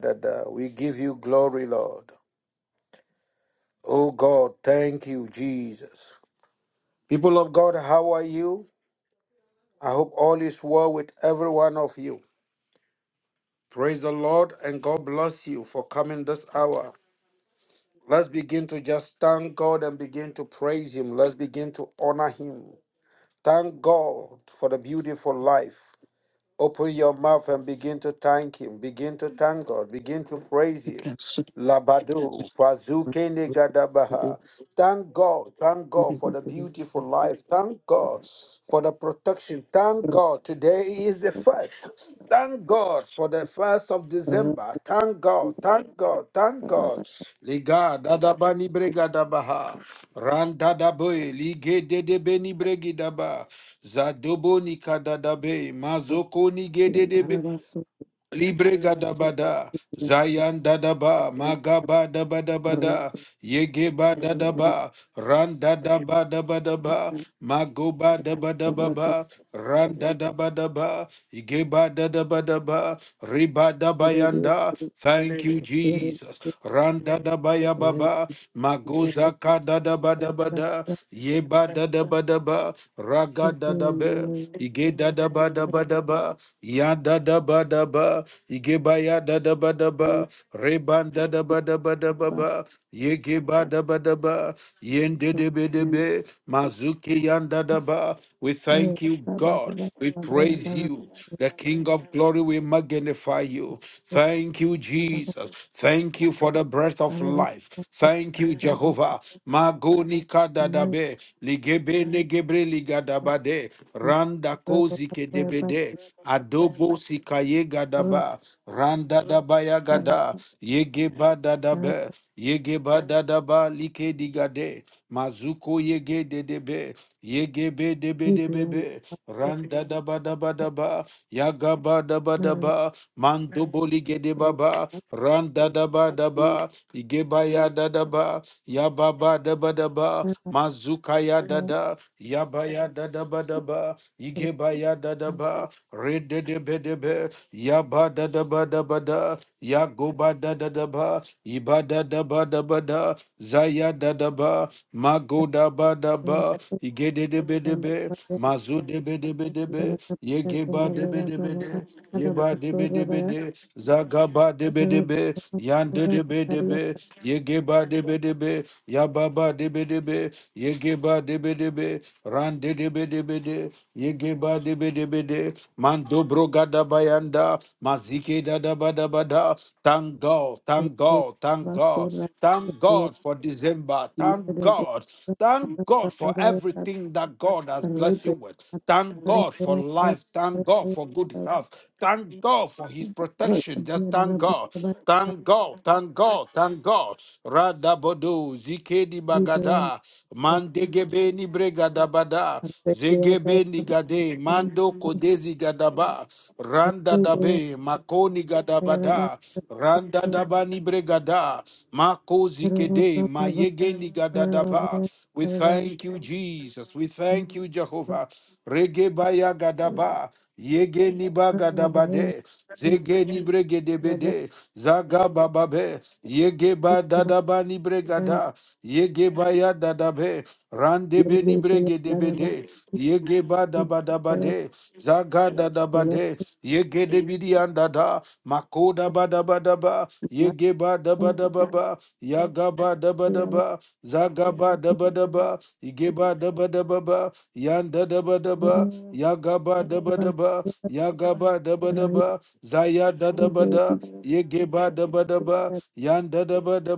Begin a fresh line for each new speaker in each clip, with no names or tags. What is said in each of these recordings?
that uh, we give you glory, Lord. Oh God, thank you, Jesus. People of God, how are you? I hope all is well with every one of you. Praise the Lord and God bless you for coming this hour. Let's begin to just thank God and begin to praise Him. Let's begin to honor Him. Thank God for the beautiful life. Open your mouth and begin to thank Him. Begin to thank God. Begin to praise Him.
Thank
Labadu, Fazukene Gadabaha. Thank God. Thank God for the beautiful life. Thank God for the protection. Thank God. Today is the first. Thank God for the first of December. Thank God. Thank God. Thank God. Liga dadabani bregadabaha. Randa daboe. Lige dedebeni bregidaba. Zadobo nikadadabe. Mazoko nigedebe. Libre gadabada, Zayan dadaba, Magaba dabadabada, Yegeba dadaba, Ran dadaba dabadaba, Magoba dabadababa, Ran dadabadaba, Igeba dadabadaba, Riba dabayanda. Thank you, Jesus. Ran dadabaya baba, Magoza kadadabadabada, Yeba dadabadaba, Raga dadabe, Ige dadabadabadaba, da da ba da ba, Igebaya da da ba da ba, Reban da da ba da ba da ba ba, Yegeba da ba da ba, Yende de be de be, Mazuki yan da da ba. We thank you, God. We praise you, the King of glory. We magnify you. Thank you, Jesus. Thank you for the breath of life. Thank you, Jehovah. Magonika dadabe, ligebe negebre ligadabade, randa kozi kedebede, adobo sikaye gadaba, randa dabaya gada, yegeba dadabe, yegeba dadaba like digade, mazuko yege dedebe, yegebe debe debebe, randa daba daba daba, yagaba daba
you.
daba, mandobo ligede
Rebrianda,
baba, randa daba daba, igeba ya da da ba, ya ba ba da ba da ba, mazuka ya da da, ya ba ya da da ba da ba, ige ya da da ba, re de de be de be, ya ba da da ba da ba da, ya go ba da da da ba, iba da da ba da ba da, za ya da da ba, ma da ba da ba, ige de be de be, mazu de be de be de be, ye de be de be de, ye ba de be de be de, za ba de be de be, yan de de be de be, Yegeba debe debe, yababa debe debe, yegeba debe debe, ran de debe debe de, yegeba debe debe de, mando broga da bayanda, mazike da da ba da ba da. Thank God, thank God, thank God, thank God for December, thank God, thank God for everything that God has blessed you with. Thank God for life. Thank God for good health. Thank God for his protection. Just thank God. Thank God. Thank God. Thank God. Radabodo zikedi bagada mandegebeni bregadabada zegebeni gade mando kodezi gadaba randa dabe makoni gadabada randa dabani bregada mako
Rabba
zikede mayegeni gadadaba. We thank you, Jesus. We thank you, Jehovah. Regebaya gadaba. yege Yegeni bagadabade. Zegeni bregedebede. yege ba dadaba ni bregada. Yegebaya dadabe. Randebe ni bregedebede. Yegeba dabadabade. Zagada yege Yegedebidi andada. Makoda badabadaba. Yegeba dabadababa. Yagaba dabadaba ba da ba da ba, ige ba da ba da ba ba, yan da da ba da ba, ba da ba da ba, ba da ba da zaya da da da, yege ba da ba da ba, yan da da ba da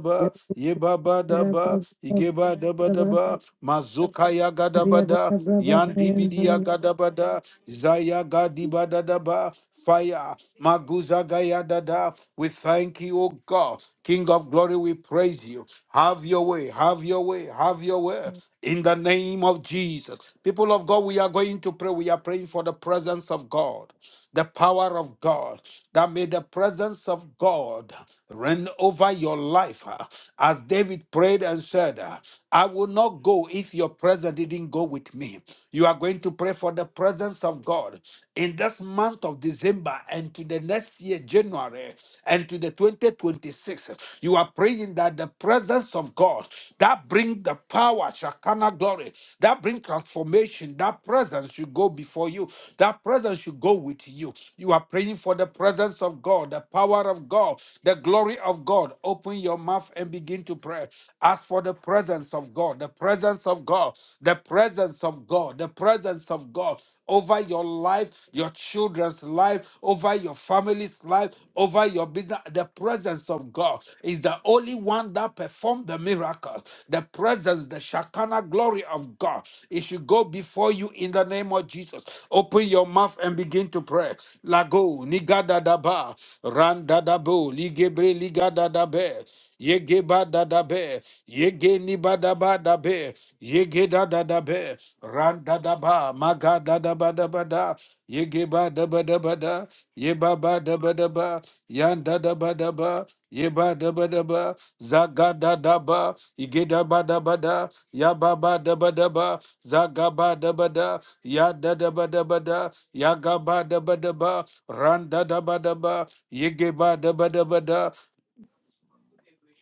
ye ba ba da ba, ige ba da ba da ba, mazuka yaga da da, yan di bi di yaga da da, zaya ga di ba da da ba, fire, maguza ga ya da da, we thank you, O God. God. King of glory, we praise you. Have your way, have your way, have your way. In the name of Jesus. People of God, we are going to pray. We are praying for the presence of God, the power of God, that may the presence of God reign over your life. uh, As David prayed and said, uh, I will not go if your presence didn't go with me. You are going to pray for the presence of God in this month of December. December and to the next year, January, and to the 2026, you are praying that the presence of God that bring the power, Shakana glory, that bring transformation, that presence should go before you, that presence should go with you. You are praying for the presence of God, the power of God, the glory of God. Open your mouth and begin to pray. Ask for the presence of God, the presence of God, the presence of God, the presence presence of God over your life, your children's life, over your family's life, over your business. The presence of God is the only one that performed the miracle. The presence, the Shekinah glory of God, it should go before you in the name of Jesus. Open your mouth and begin to pray. Lago, nigadadaba, randadabo, ligebre, ligadadabe. Yege ba da da be. Yege ni ba da ba da be. Yege da da da be. Ran da da ba. Maga da da ba da ba da. Yege ba da ba da ba da. Ye ba ba da ba da ba. Yan da da ba da ba. Ye ba da ba da ba. Zaga da da ba. Ige da ba da ba da. Ya ba ba da ba da ba. Zaga ba da ba da. Ya da da ba da ba da. Ya ga ba da ba da ba. Ran da da ba da ba. Yege ba da ba da ba da.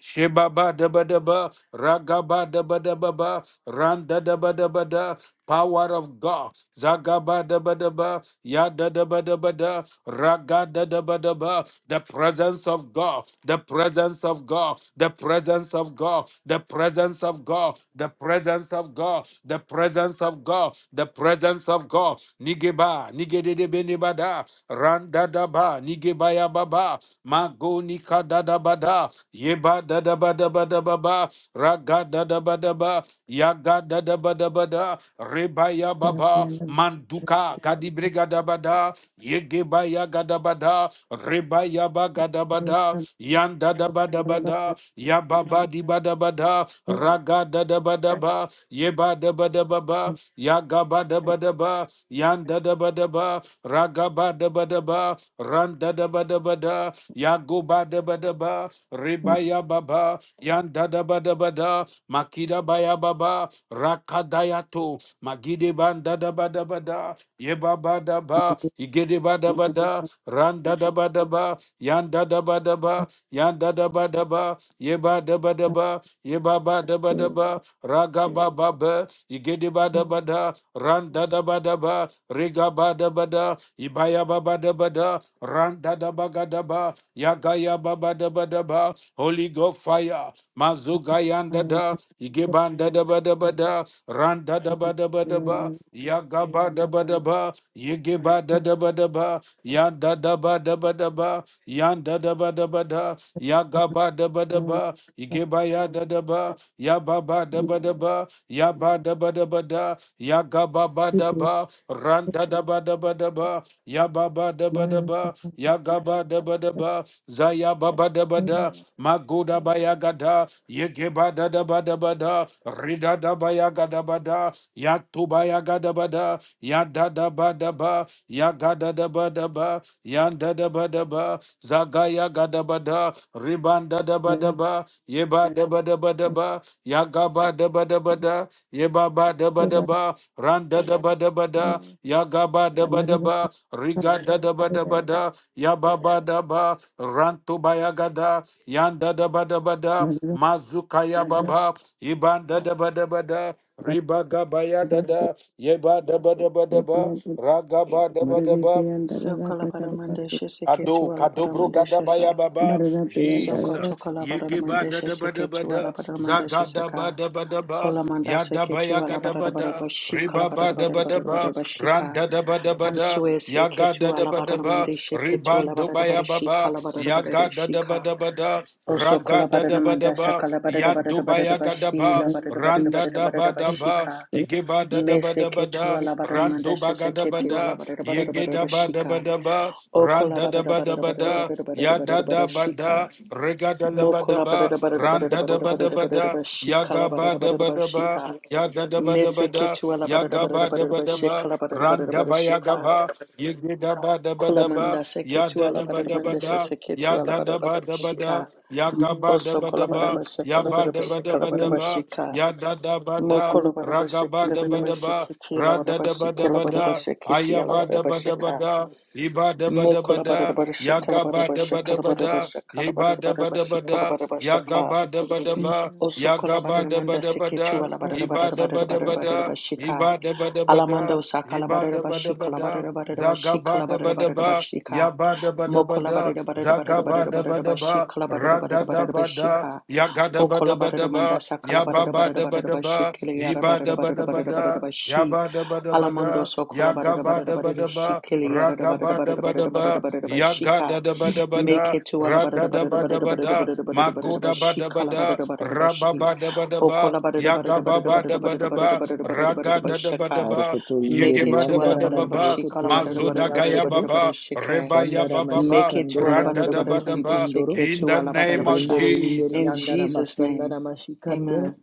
Shebaba daba daba, ragaba daba daba ba, randa daba daba da, power of God, zagaba daba daba, yada daba daba da, ragada daba daba, the presence of God, the presence of God, the presence of God, the presence of God, the presence of God, the presence of God, the presence of God, nigeba nigedede benebada randa daba nigebaya baba mago nika dada bada yeba dada bada bada baba raga dada bada ba yaga dada bada bada rebaya baba manduka gadibrega dabada yegebaya gadabada rebaya ba gadabada yanda dabada bada ya baba di bada bada, raga da da bada ba, ye bada bada baba, ya gaba da bada ba, yan da da bada ba, raga bada bada ba, ran da da bada bada, ya go bada bada ba, riba ya baba, yan da da bada bada, makida baya baba, rakadayato, magide ban da da bada bada, ye baba da ba, igede bada bada, ran da da bada ba, yan da da bada ba, yan da da bada ba Yeba deba deba, yeba ba deba
Mother
deba, raga ba ba ba, igede ba deba da, ran da deba deba, riga ba deba da, ibaya ba ba deba da, ran da da ba ga deba, yaga ya ba ba deba deba, Holy Ghost fire, Mazuga yanda da, Igibanda da ba da ba da, Randa da ba da ba da ba, Yagaba da ba da ba, Yigiba da da ba da ba, Yanda da ba da ba da ba, Yanda da ba da ba da, Yagaba da ba da ba, Igiba ya da da ba, Yababa da ba da ba, ya ba da ba da ba da, ya ga ba ba da ba, ran da da ba da ba da ba, ya ba ba da ba da ba, ya ga ba da ba da ba, za ya ba ba da ba da, ma go da ba ya ga da, ye ge ba da da ba da ba da, ri da da ba ya ga da ba da, ya tu ba ya ga da ba da, ya da da ba da ba, ya ga da da ba da ba, ya da da ba da ba, za ga ya ga da ba da, ri ban da da ba da ba, ye ba da ba da ba da ba, Yagaba daba daba da, yebaba daba daba, randa daba daba da, yagaba daba daba, riga da daba daba da, yababa daba, rantu bayagada, yanda daba daba da, mazuka yababa, ibanda daba daba da, riba gabaya da da, yeba daba daba daba, ragaba daba daba.
Sokolabadamandesha
Kado,
seketu
kadobro
alabadamandesha sa.
gadabaya baba, Jesus, yegeba da
Sokotokolabadamandesha
da ba da ba
seketu
da,
alabadamandesha
zagada ba
saka.
da ba da ba,
Olamanda
yada
seketu
baya gada ba da,
alabadabadabashika
riba ba da ba da ba,
alabadabadabadabadabashika.
randa da ba da ba da,
Ansue seketu
yagada da ba da ba,
alabadamandesha ketu
ribando baya
alabadabadabashika
baba, yagada da
alabadabadabadabashika.
ba da ba da,
Also
ragada da ba da
kolabadamanda
ba, yado baya gada
sakalabadabadabadabadabashi
ba, randa da ba da ba,
labadabadabadabadabadabashika.
igeba da da ba
Mese
da ba
ketu
da, rando ba
alabadamandesha
gada ba
seketi
da, Yege da ba da ba
alabadabadabadabashika.
da ba, ran
Okola
da da
barada
ba da
barada
ba
barada
da,
barada barada
ya da
barada
da
barada
ba
shika.
da, rega da da ba da
Mokola
ba,
barada barada
ran
barada
da da
barada
ba da
barada barada
ba da,
barada
ya
shika la
ga
barada
ba da
barada
ba
barada
da ba,
shika.
ya da da ba da ba
Mese
da,
ketu ala
ya
barada
ga
barada
ba da
barada
ba
barada
da
shika
ba,
la barada
ran
barada
da
barada
ba ya ga
shika.
ba, yege da ba da ba
Kola
da ba,
manda se
ya
ketu
da
ala
da ba
barada
da ba
manda se
da,
se ketu
ya
ala
da
barada
da
barada
ba
barada
da ba da,
shika.
ya ga ba da
Oso
ba da
kola barada
ba,
barada shika
ya
la
ba
barada barada
da ba da
shika la
ba
barada
da
barada
ba,
shika.
ya da da ba da,
Mokola barada
ra
barada
ga ba
shika la
da
barada
ba
barada
da ba,
shika ti la
ra
barada
da
barada
da ba
shika
da
la
ba
barada barada
da,
shika ti
aya
la
ba
barada
da
barada
ba da ba
shika.
da, iba da ba da ba
Mokola bara
da,
bara
ya
shakala
ga
bara
ba
bara
da ba da
shakala
ba
bara bara
da,
shakala bara
iba da
bara
ba
bara
da ba
shakala
da,
bara bara
ya ga
shaka.
ba da ba da ba,
Oso
ya
kola
ga ba
bara
da
manda
ba da ba
Yang dapat
seketu
da,
ala
surat
bara bara
iba da
bara
ba da
bara
ba
bara
da,
bara shika.
iba da ba da ba
Alamanda
da.
osakala bara
Ibada
bara
bada
shikala
bada,
bara bara bara shikala
zagabada
bara
bada
bara bara
ba,
shika.
yabada bada
Mokola bara
bada,
bara bara bara
zagabada
bara bara
bada ba,
shikala bara bara
radada
bara bara
bada,
shika.
yagada bada
Okola bara
bada
manda
ba,
sakala bara bara
yababada
bara
bada
bara
ba,
shikele yara bara
ibada
bara bara
bada
bara
bada,
bara shi.
yabada bada
Alamondo
bada,
sokola barada barada
yagabada
barada
bada ba,
shikili yarada barada
ragabada
barada
bada
barada barada barada barada
ba,
shika
Kada Da ba da ba
make
da
it to ala
ra da
barada
da
barada
ba da,
barada
ba
barada
da
barada
ma
barada
go
barada barada
da ba da
shika
ba
la
da
barada barada barada
ra ba
shi
ba da, ba da ba,
okola barada
ya ga
barada
ba
barada
ba da
barada
ba da
barada barada
ba,
barada barada
ra ga
barada
da, da
barada
ba da
shika
ba,
Rokoto
ye ge
make
inderi
it
ba da
to
ba
ala
da
yandarama
ba
barada barada
ba,
shika
brokoto
la
ma
barada
zo
inderi
da
barada barada
ra
yandere
ba,
barada
bu.
barada
ba re
shika
ba, ya ba,
Sandarama
ba,
make it
Kadadabadabada,
to
şikandere
radadabadabada, magodabadabada, ba yagababadabadaba, ragadadabadaba,
ala barada
da
yandere bu
barada
mazodagayababa, da
barada
ba.
sükondoro.
shika
in
to
the
ala barada
name of
Berendere
barada
inderi
in
Jesus.
yandarama
Jesus name
sandarama şikandere.
amen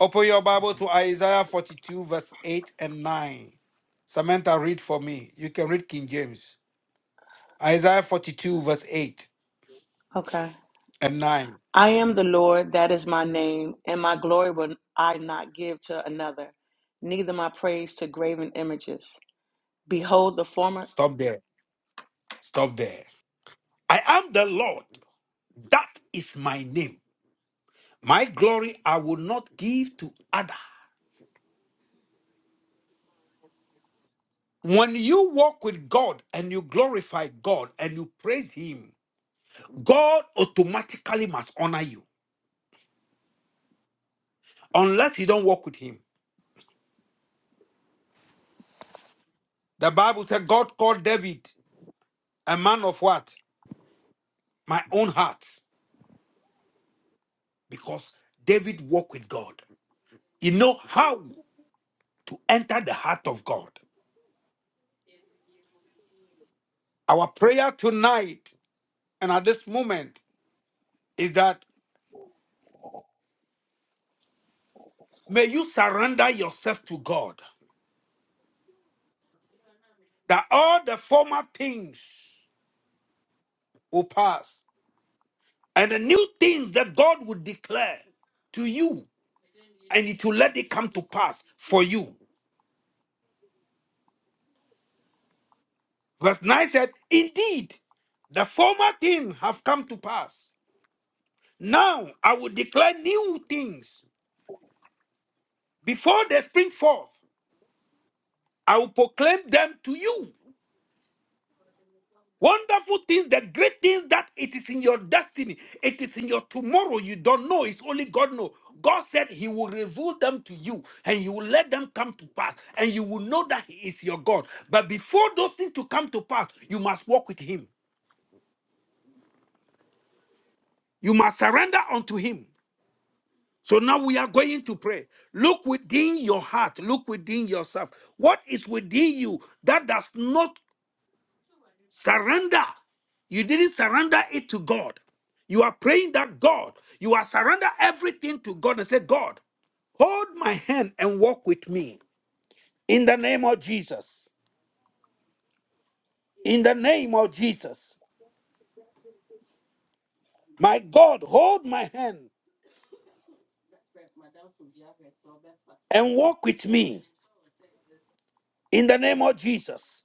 Open your Bible to Isaiah 42, verse 8 and 9. Samantha, read for me. You can read King James. Isaiah 42, verse 8
Okay.
and 9.
I am the Lord, that is my name, and my glory will I not give to another, neither my praise to graven images. Behold, the former.
Stop there. Stop there. I am the Lord. That is my name. My glory I will not give to other. When you walk with God and you glorify God and you praise Him, God automatically must honor you, unless you don't walk with Him. The Bible said God called David a man of what? My own heart, because David walked with God. You know how to enter the heart of God. Our prayer tonight and at this moment is that May you surrender yourself to God that all the former things will pass and the new things that God will declare to you and it will let it come to pass for you. Verse 9 said, Indeed, the former things have come to pass. Now I will declare new things. Before they spring forth, I will proclaim them to you. Wonderful things, the great things that it is in your destiny, it is in your tomorrow. You don't know, it's only God know. God said He will reveal them to you and He will let them come to pass, and you will know that He is your God. But before those things to come to pass, you must walk with Him. You must surrender unto Him. So now we are going to pray. Look within your heart, look within yourself. What is within you that does not Surrender. You didn't surrender it to God. You are praying that God, you are surrender everything to God and say, God, hold my hand and walk with me in the name of Jesus. In the name of Jesus. My God, hold my hand and walk with me in the name of Jesus.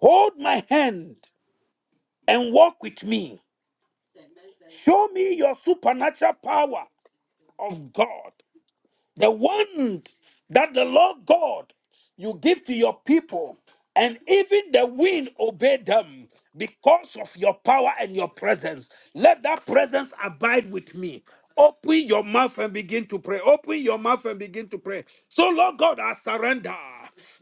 Hold my hand and walk with me. Show me your supernatural power of God The one that the Lord God you give to your people, and even the wind obey them because of your power and your presence. Let that presence abide with me. Open your mouth and begin to pray. Open your mouth and begin to pray. So, Lord God, I surrender.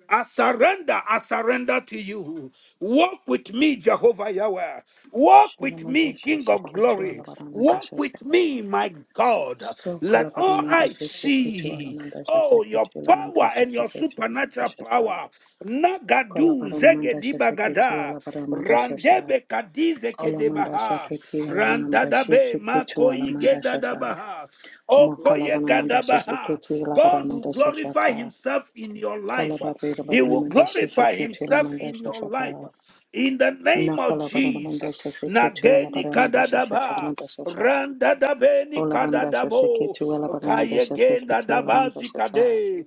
I surrender. I surrender to you. Walk with me, Jehovah Yahweh. Walk with me, King of glory. Walk with me, my God. Let all I see, oh, your power and your supernatural power. Nagadu zegedi bagada, randebe kadize kedebaha, randadabe makoyi gedadabaha, okoye gadabaha. God will glorify himself in your
Ola
life.
barira
He
barina
will
mandasha
glorify
sekete la
himself in
mandasha
your
saka.
life. In the name of
Nakala barina
Jesus.
mandasha sekete wala
Nageni
barina mandasha saka la
kadadaba.
mandasha sa.
Randa da beni
Ola
kada da
mandasha
bo.
sekete wala barina mandasha
Kayegenda
sekete
da
la
bazi
mandasha sa.
kade.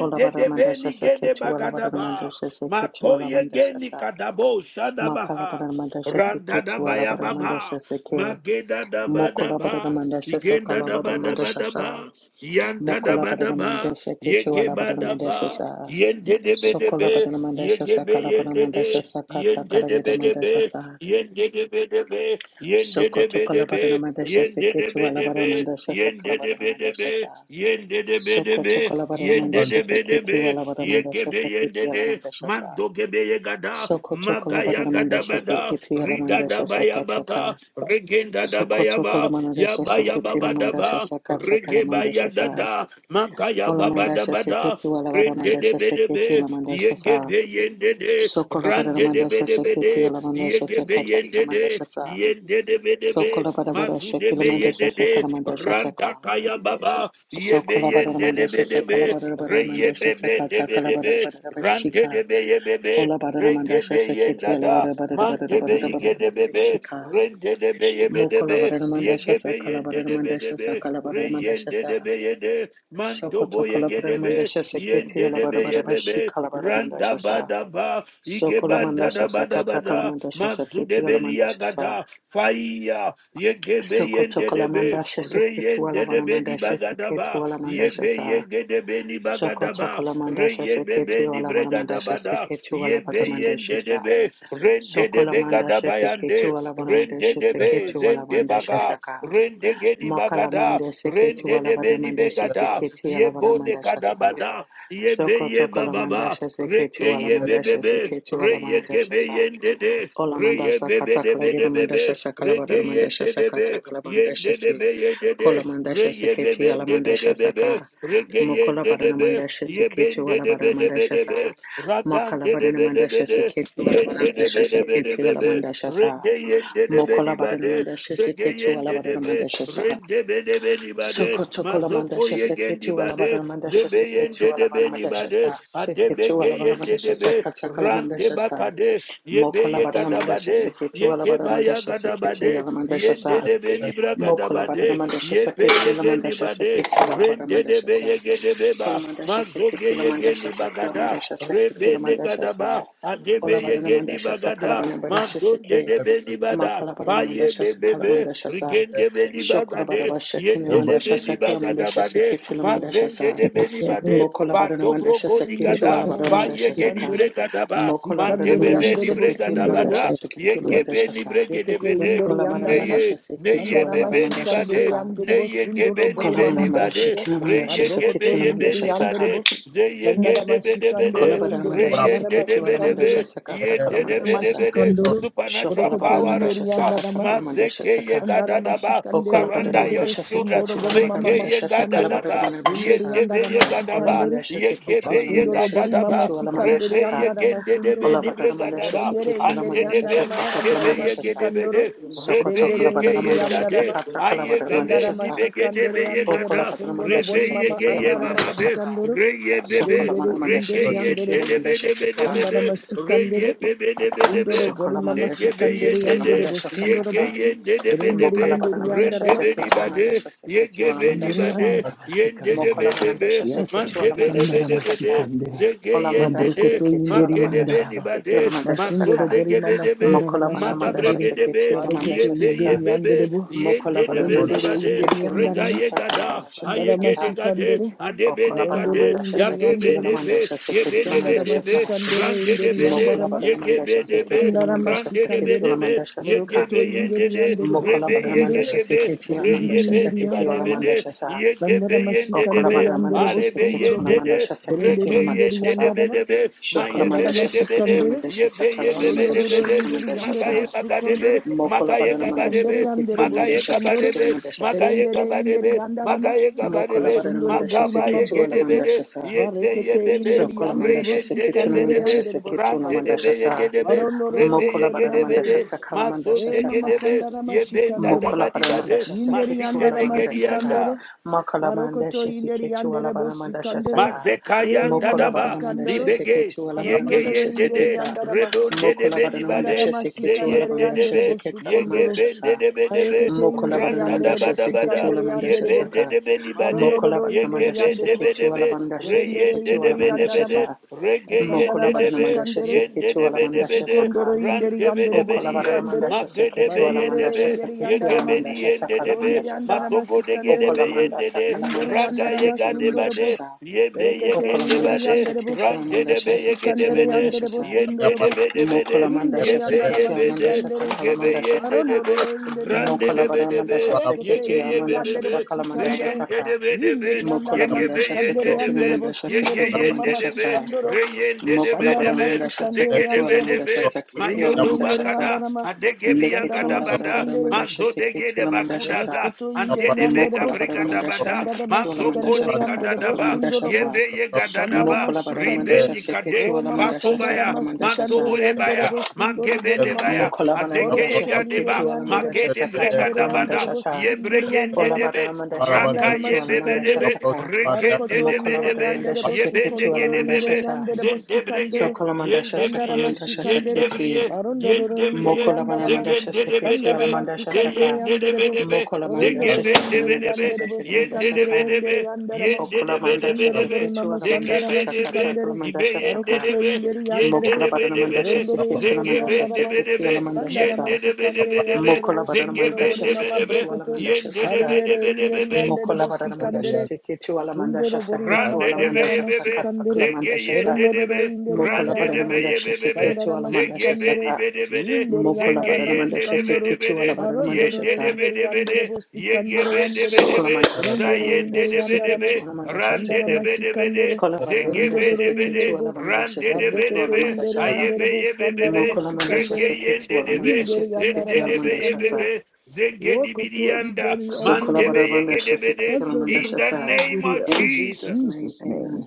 Ola barina
de
mandasha
beni gede
sekete wala barina
bagadaba.
mandasha sekete wala
Matoye
mandasha
geni
sa.
kadabo
Makala
shadabaha.
barina mandasha
Randa
sekete
da
wala
baya
barina mandasha
baba.
seke.
Mageda da
Mokola barina
badaba.
mandasha saka
Igenda
la
da
barina mandasha sa.
badabadaba. Yanda da
Mokola barina
badaba.
mandasha sekete ala
Yegeba
barina
da
mandasha
ba.
sa.
Yende de
Sokola
bedebe.
badana mandasha
Yegebe
sakala badana
yende
mandasha
de.
sakata
Yende
kala
de
gida
bedebe.
mandasha sa.
Yen de de be de be, yen de
Soko
de be de
tokola badana
be,
mandasha
yen de de
seketu
be
ala
de
badana
be,
mandasha
yen
sakala
de de
badana
be de
mandasha
be,
sa.
yen de de be de
Soko
be,
tokola badana
yen de
mandasha
de be de
seketi
be,
ala badana
yen ke
mandasha
be yen de
seketi ala
de,
mandasha sa.
mando ke be ye gada,
Soko tokola
maga ya
badana
gada
mandasha
bada,
seketi ala
rida da
mandasha
ba ya
sakata
baka,
ka.
regenda da ba
Soko tokola
ba, ya
mandasha
ba ya
seketi ala
da
mandasha
ba,
sakata kala
rege ba ya
mandasha
da
sa.
da, maga ya
Ola
ba ba da
mandasha
ba
seketi ala
Yen
badana
de de
mandasha
be de
seketi
be,
ala mandasha
yen ge
sa.
be yen de de,
Sokola bara
Rande de
manda
be de
shase
be
kete
de.
la manda
Yege
shase
be
kata la
yende
manda
de.
shasa.
Yende de be de be.
Sokola bara bara
Mazu
shake
de
la
be
manda
yende
shase kala
de.
manda shase
Randa
ka.
kaya baba. Yebe
Sokola bara
yende
manda
de be
shase
de
kala
be.
bara
Re
bara manda
yebe
shase
be de
kata
be
kala
de
bara
be.
bara bara
Rande de
shika.
be yebe be.
Ola bara manda
Regebe
shase
yenda
kete la
da,
bara bara bara
mantebe
bara bara
yige de
bara
bebe,
shika.
rende de be yebe de
Mokola
be,
bara manda shase
yegebe
kala
yende
bara
de be
manda
de
shase
be,
kala bara
re
manda
yende de
shasa.
be yede,
Sokoto
mantobo
kala
yege
bara
de
manda
be,
shase kete
yende
la
de
bara
be
bara bara
yebe be,
shika la bara manda
randa ba
shasa.
da ba, Igebanda
Sokolamandasha
da bada
sakata
bada,
kalamandasha
mazude
saketi
belia
alamandasha sa.
gada, fire, yegebe
Sokoto
yende debe,
kalamandasha seketi
reyende debe ni
walavanamandasha seketi
bagadaba,
walamandasha
yebe
sa.
yege debe ni
Sokoto
bagadaba,
kalamandasha
reyebe be
seketi
ni bregada
walavanamandasha
bada,
seketi
yebe
walavanamandasha
yende
sa.
debe, rende debe
Sokolamandasha
gadaba
seketi
yande, rende
walavanamandasha
debe
seketi
zende
walamandasha
baga,
saka.
rende gedi bagada,
Makalamanda seketi
rende debe ni
walavanamandasha
begada,
seketi
yebone
alavanamandasha sa.
kadabada, Yebe ye
Sokoto
baba,
kalamandasha seketi
reke ye
walamandasha
bebebe,
seketi
re ye kebe
walamandasha sa.
ye de,
Ola
re ye
mandasa
bebe
kata
de be
kalagina
bebe
mandasha
bebe,
sakalabada
reke ye
mandasha
de
sakata
be, ye
kalabandasha
de be
se
ye
kola
de, re
mandasha
ye
seketi ala
bebe de be
mandasha
de bebe,
saka
reke ye
mokola
de
badana
be,
mandasha
ye be
seketi
de
ala
be
badana
de be
mandasha
de
sa
be, rakan
makala
de de
badana
be de
mandasha
be de,
seketi ala
ye de
mandasha
be de be de
seketi
be
ala
be,
mandasha sa
reke ye de be di
mokola badana
bade,
mandasha
zeke
seketi
ye
ala
de
badana
be,
mandasha sa
re be de be di bade,
sokoto kola
mazoko
mandasha
ye
seketi
gendi ba
ala badana
de
mandasha
zebe
seketi
yende
ala
debe
badana
ni
mandasha sa
bade
seketi
adebe ge
ala badana
yende
mandasha
debe
sakata kala
rante
mandasha sa
bakade yebe
Mokola
ye
badana mandasha
gadabade
seketi wala
yege
badana
baya
mandasha seketi
gadabade
yala mandasha
yende
sa.
debe ni
Mokola badana
brakadabade
mandasha
yebe
seketi wala
yege ni
mandasha
bade
seketi wala badana
rende
mandasha
debe
sa.
yege debe ba
Kola mandasha
Mazoge
seketi wala mandasha
yegeni
sa. Kola
bagada,
mandasha seketi wala
rebene
mandasha sa.
gadaba, adebe
Ola badana
yegeni
mandasha sa. Kala
bagada,
badana mandasha
mazonde
seke.
de beni bada,
Makala badana
paye
mandasha sa. Kala
bebebe,
mandasha sa.
rigende beni
Shokola badana
bagade,
mandasha kine
yende de
mandasha sa.
beni
Kala
bagada bade,
seketi wala mandasha
mazende
sa.
de
yang
beni
dapat yang
bade,
Mokola barana manda
patobro goti
shaseketi
İnderi
wala
gada,
barana
yandarama
manda
paye geni
shasaka.
sikandere.
bregada ba,
Mokola barana
Sikandere
matebe
manda
beni
yandere bu
shaseketi la
bregada
sundoro
manda
bu.
bada,
shaseketi la
yege
manda
beni
shasa.
bregede
Brekete
bede,
inderi
Kola barana manda
yandarama.
neye
shaseketi
neye
wala
Sandarama
barana
bebe ni
manda
şikandere
bade
shasaka.
yandere bo
neye gebe
sundoro
ni
bori
Kola barana
beni
mama
manda
bade
brekete.
shikina manda
Ma
reye gebe
brokoto
shaseketi la
ye
manda
inderi
beni
shasaka.
yandere
bade
bo.
zeye
Sandarama
gende bede
Kola
şikandere
bede
barana
inderi
manda
yandarama
reyende
shaseketi
de
wala
bede
manda
sikandere.
be
shasaka ta kala
yende
manda
de
Sandarama
bede
shasa.
bede
şikandoro.
supernatural
Shokola
Borokoto
barana
power
manda
of
inderi
God
shasaka ta
yandarama.
kala manda
mazeke ye
shasaka.
Sandarama
gadadaba
Okola
şikandere
barana
surrender
andere
manda
your
bo
children
shaseketi
sundoro
wala
bori
barana
mama
meke
manda
ye
shasaka la
masikandere.
barana
gadadaba
manda
ye
İnderi
shasa.
gebe ye
yandarama
Ola
gadaba
sikandere.
manda
ye
shaseketi
gebe
wala
ye
manda
Asundoro bori mama
shaseketi
gadadaba
wala manda
sikandere
rebe ye
shasa.
yandara
gende de
masundoro
Ola
bo.
beni
barara mandasha
bregadaba
Berendere
seketi la
indere
mandasha
yandara
Andedebe
ma
sakata kala
magebe
sandara ma
mandasha sa.
yegedebe
şikandoro.
de rebe
Sokoto
Berendere
kala
yege
barara
indere
mandasha
yenda
yandara ma.
de
sakata kala barara
Sandara
mandasha
ayegebe
ma
sa.
şikandere
nibegedebe
yandere bo
Okola
yekada
barara
sundoro
mandasha
rebe
bori mama
yege
seketi la
ye
andara ma
mandasha
kada
saka.
şikandoro.
re yebebe
Sokola
Berendere
barara mandasha
indere
ye
yandere
seketi la
bo.
yendedebe
mandasha
ye
sakala.
debe
Sandara
be
ma
re
şikandere.
ye ye ye ye ye ye de de de de be de be be re ye be be de be de be
Sundoro bori
Sokola
ne
mama
mandasha
ge be ye
sikandere
seketi
de
la
yandere
de
bo
mandasha
ye
sundoro bo.
ge
sakata.
ye de de be
Berendere
Mokola
de
indere
barara
re re
mandasha
yandara
re
ma.
ne ni
seketi la
ba de
mandasha
ye
seketi la
negebe yendede ni
Indere
mandasha
ba
sa.
de
yandara ma
ye de de
sikandere.
Mokola
nibade de
barara
debe
mandasha seketi la mandasha
Sandara
Mandebedebedebede,
sakata.
Mashikandere,
Ola mandasha
Zegeyendede,
Mabrokoto
seketi la
Inderi
mandasha
Andarama,
seketi la
Makedebenibade,
mandasha
Masundoro b
saka.
o r i
Mazondegebedebe,
Masandara
Mokola bana mandasha
Mashikandere,
seketi
Magabregedebe,
la
Marokoto
mandasha saka.
Inderi
Yebeyebebe,
Anderebo,
Mokola bana mandasha
Borondoro
Yendedebenibade,
Inderi
seketi la mandasha
Andarama,
saka la
Regayegada,
mandasha
Masandara
sakata.
Ayegedegade,
Mashikandere,
Okola bana
Marondoro
Adebenegade,
mandasha
Inderi
seketi la
Anderebo,
Yagebedebe,
mandasha seketi la
Masandara
mandasha sa.
Yebenebedebe,
Mashikandere Inderi
Randedebede,
Mokola
Andarama,
bana mandasha
Yegebedebe,
seketi la
Masandara
mandasha seketi la
Mashikandere,
Randedebedebe,
mandasha saka.
Borokoto Inderi
Yegebeyendede,
Anderebo
Mokola bana
Sikandere,
mandasha
Rebeyegegebe,
seketi la
Borondiri
mandasha
Inderi
seketi la
Andarama,
mandasha sa.
Sandara
Reyebenibadebede, yende de
Okola
maşikandere
be,
bana
yandere
mandasha
arebe
seketi
bostunduru
la
yende
bu.
de,
mandasha seketi
Perendere
reke
la
inderi
mandasha
yende de
sa.
be
yandarama.
de be,
Shokola
maye be
Masandara
mandasha
be de be
seketi
de,
la
maşikandere.
mandasha
ye be
saka la
ye be be
mandasha
de be
Marondoro
de,
seketi la
inderi
mandasha
yandere
magaye
sa.
bostu
baga de be,
kondere.
Mokola
magaye
barana
gaba de
mandasha
Masikandere
be,
seketu
yandere
magaye
mandasha
gaba de
bostikandoro.
seketu
be,
mandasha sa.
magaye
Perendere
gaba de
inderi
be,
yandarama.
magaye gaba de
Mokola
be,
barana
Masundoro
mandasha
bori
makaba ye
mama
seketu
ge
ala
de be
brokoto.
mandasha sa.
ye be ye
Barekete
be be,
inderi
Sokola
re
yandere
mandasha
yende de
seketu na
be
bostikandere
de
mandasha
be,
yandere
seketu
ran
na
de de
bostikandoro.
mandasha
be ye ge
sa.
de be, re
Marondoro
be ye
Mokola
inderi
ge
barana
de be
yandere
mandasha
bu.
de,
sakala
mazon
mandasha
E
de ge
mama
saka.
de be,
sandara
ye benda
maşikandere.
da ba
Mokola
di ba
barana
de,
mandasha
Yinderi
seketu
mazike
ala
yandara
ne ge di
mandasha sa.
masikandoro.
Mokola
Marokoto
mandasha
yinderi
seketu ala
yandere
barana mandasha
bosikandere.
saka.
Eri
Mazekayan
mama
Mokola
dadaba
barana mandasha
sikandoro.
libege
seketu ala barana
Marondoro
mandasha
yegeyen
yinderi
dede
seketa.
yandara ma.
rebon dede
Mokola barana
Sandara
benibade
mandasha seketu ala
zeyen
masikandere
mandasha
yandere
dedebe
seketa ala
bosukondoro.
mandasha
yegeben
sa.
dedebe debe
Marekete
Mokola
yinderi
barana
randa
yandere
mandasha
daba daba
seketu
da
la
bosikandere
mandasha
yandere
yeben
bo.
saka.
dedebe nibade
Mokola
Marondoro
barana
yinderi
mandasha
yegeben
yandere bo.
debe
seketu la
debe
mandasha
Berendere
reyen
seketu la
yinderi
dedebe
mandasha
debe
yandara
de
ma.
sa.
regeyen
Asandara
Mokola barana
dedebe
mandasha
masikandere.
yen
seketu la
dedebe debe
mandasha
de
Masukondoro
saka.
ran
yinderi
debe
yandere
Okola
debe
barana
bosikandere.
mandasha
Magede be
seketu la
yende
Marendere
be
mandasha
yinderi
seketu
yandara
la
ma.
Magedebe
mandasha saka
yendebe,
la
de be
Ondiri
mandasha
yandara
sa.
masogo
masikandere.
Okola
degedebe
mandasha
de
kala
İnderi
mandasha
raga
yandere ma
seketu la
sunduru
mandasha
yegadebade,
bu.
sa.
yebe
Berekete
Okola
inderi
mandasha
yegendebade,
yandere bu.
seketu la mandasha
randedebe
seketu la
Masikandere
yegedebede,
mandasha
yandere bu
sa.
sunduru bu.
yendedebedebede,
Mokola
İnderi
mandasha
yebe
yandere
seketu la
yebede,
mandasha
masikandere.
saka la
yegebe
mandasha saka.
yendedebe,
Marondololo inderi
Mokola
yandere bu.
Mokolavada
randedebedebe,
Mandasha
Berekete
Seketi
yege
inderi
yebe be
Amandasha
yandere bu
Sakala
be
Mandasha
sikandere.
yende
Saka
de be. de be
İnderi yandere
Mokola
Yegebe
Mandasha
masikandere
yende
Seketi
debe,
yandere bu
Namandasha
yege
sunduru
Seketi
bu rima
yende
Namandasha
debe,
Sa
masikandoro.
re yende debe
Şandana
Mokolavada
debe,
Mandasha
masikandere
zege
Seketi
debe
yandere bu.
Alamandasha
debe,
Seketi
İnderi
mayodo
inderi
Alamandasha Sa
bakada,
yandere ma.
adege
Leketi
Sandana
biyangada
wala bara
bada,
Alavada
masikandere.
Mandasha
mazo dege
Seketi
de
Lamandasha Sa
bagudaza,
Boroskotu inderi
ande debe
yandere bu.
Mokola
kabriga
Mokolavada
da
Mandasha
bada,
Sandara
Seketi
mazo
Alamandasha
maşikandere
koni
yandere
Sakata
bu.
kada
Kalamandasha
Sundoro bu.
Sa
Yebe
Şandara
yegadadaba,
Mokolavada Mandasha
maşikandere.
Seketi
ribenikade,
O mama
Alamandasha
sandara
patobaya,
Sakala Mandasha Sa
maşikandere yandere
mantoborebaya,
bu. Sundoro bori mama.
mangebenebaya,
Mokolavada
azeke
Mandasha
Borokoto
Seketi
inderi
yegadeba,
yandere bo
Alamandasha
magede
Sakata
sikandere yandere
bregadabada,
Kalamandasha
bo
Sa
sindere
Ola
yandarama
badara
yebregendedebe,
mandasha
raka
Barabandel,
seke
sandarama
tu ala mandasha
şikandere.
yebebedebe,
Ambrosia,
saka.
Maria,
Marokoto
Mokola
inderi
badara
rekendedebedebe,
yandere
mandasha
bo
seke tu ala
sukondoro
mandasha
inderi
yebendegedebebe,
sa.
yandere bo sikandere.
zendebrege,
Sokola mandasha sakala
Sandarama
yendebriye,
mandasha
şikandere.
saketi.
yendebriye,
Marondororo inderi
yendebriye,
Mokola badara
yandarama
mandasha seke tu ala
zegendedebedebe,
sandarama
mandasha
sikandere
saka.
Zeyen
yandere bo.
de
Mokola mandasha
Borondororo
sekele
inderi
mandasha
zegebendebedebe,
yandere bo
sekele
Yen yen
mandasha
sikandere
sa.
yen
endere yandarama.
yen yen de
Okola
de de
mandasha
Asundoro
de
seke
bore
be.
tu
mama
ala
Yen de, de
mandasha
sandarama
be de be de be. Zege be
saka
de be.
takala
şikandere.
Ibe
mandasha
yen
saka.
de
Marokoto
de be.
inderi
Yen
yandere
de,
bo.
Mokola
de be
badara
de be
mandasha
de
Borondore
seke tu ala
Ambrosia,
inderi
Zege
mandasha
ben de
yandarama
be de,
seketi ala
be.
mandasha
Sandara
Yen
sa.
de de be de,
masikandere
be de be.
yandere
Mokola
bo
badara
sundoro
Zege ben
bori
mandasha
de, yendedebedebedebe,
mama
seke
zegebedebe, de de
tu ala
yendedebedebede,
brokoto
de
mandasha saka.
yendedebedebedebe,
marendere
de
indere
yendedebedebedebe,
yandere bo
Mokola barada
Yambros,
mandasha
sikandere
seketu ala
sundoro
mandasha
bori mama
saketu
Rande
ala
de
sandara
be
mandasha
bebe,
sakata
masikandere
kala
zege
mandasha sa.
yende de
borondoro
be,
indere
Mokola
yandara
rande de
barada
ma
mandasha
bebe,
seketu
sandara
ala mandasha
zege be
masikandere
di
saka.
be
indere
Mokola
yandara
zege
barada
yende
mandasha
de be
masikandoro
de
seketu ala barada mandasha
marondoro
yende de
sa.
be
indere
de
yandere bo
yege
sikandere
be de
yandere
be
bo
Sokola mandasha
za
berendere
sakala
yende
indere
mandasha
de be
yandara ma
be,
seketu ala mandasha
rande
sandara
de
seke.
be de
masikandere
Kola barada
zege be
mandasha
borondoro
de
indere
seketu
bo
ala mandasha
rande de be
seketu
Mabrekete
ala
be,
inderi
mandasha sa.
aye
yandere
be
bo
ye
sandara
Mokola mandasha
rege
mashikandere.
seketu
yende
ala
de be,
mandasha
Inderi yandara
seketu
zende
ala
de
mandasha
mashikandere.
sa.
bebe, zege di bi
Wokoto inderi yandere
Sokola
mante
bo
be
barada
yege de
mandasha
be
seketu ala
sandara
in
mandasha
the
sa.
name
mashikandere.
of
In
In
Jesus'
Jesus.
name,
Jesus' name.
amen.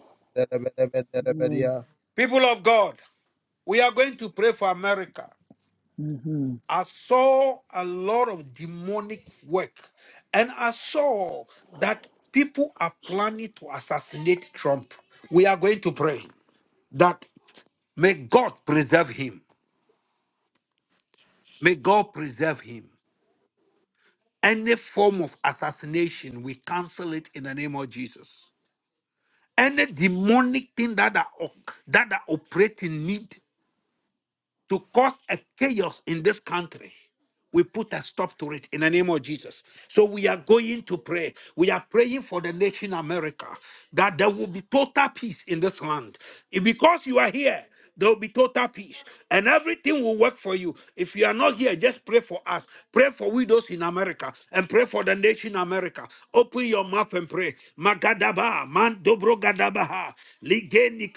Amen.
People of God, we are going to pray for America.
Mm-hmm.
I saw a lot of demonic work, and I saw that people are planning to assassinate Trump. We are going to pray that may God preserve him. May God preserve him. Any form of assassination, we cancel it in the name of Jesus any demonic thing that are that are operating need to cause a chaos in this country. We put a stop to it in the name of Jesus. So we are going to pray. We are praying for the nation America that there will be total peace in this land. If- Because you are here, there will be total peace and everything will work for you. If you are not here, just pray for us. Pray for widows in America and pray for the nation America. Open your mouth and pray. Magadaba, Mandobro Gadabaha, Ligeni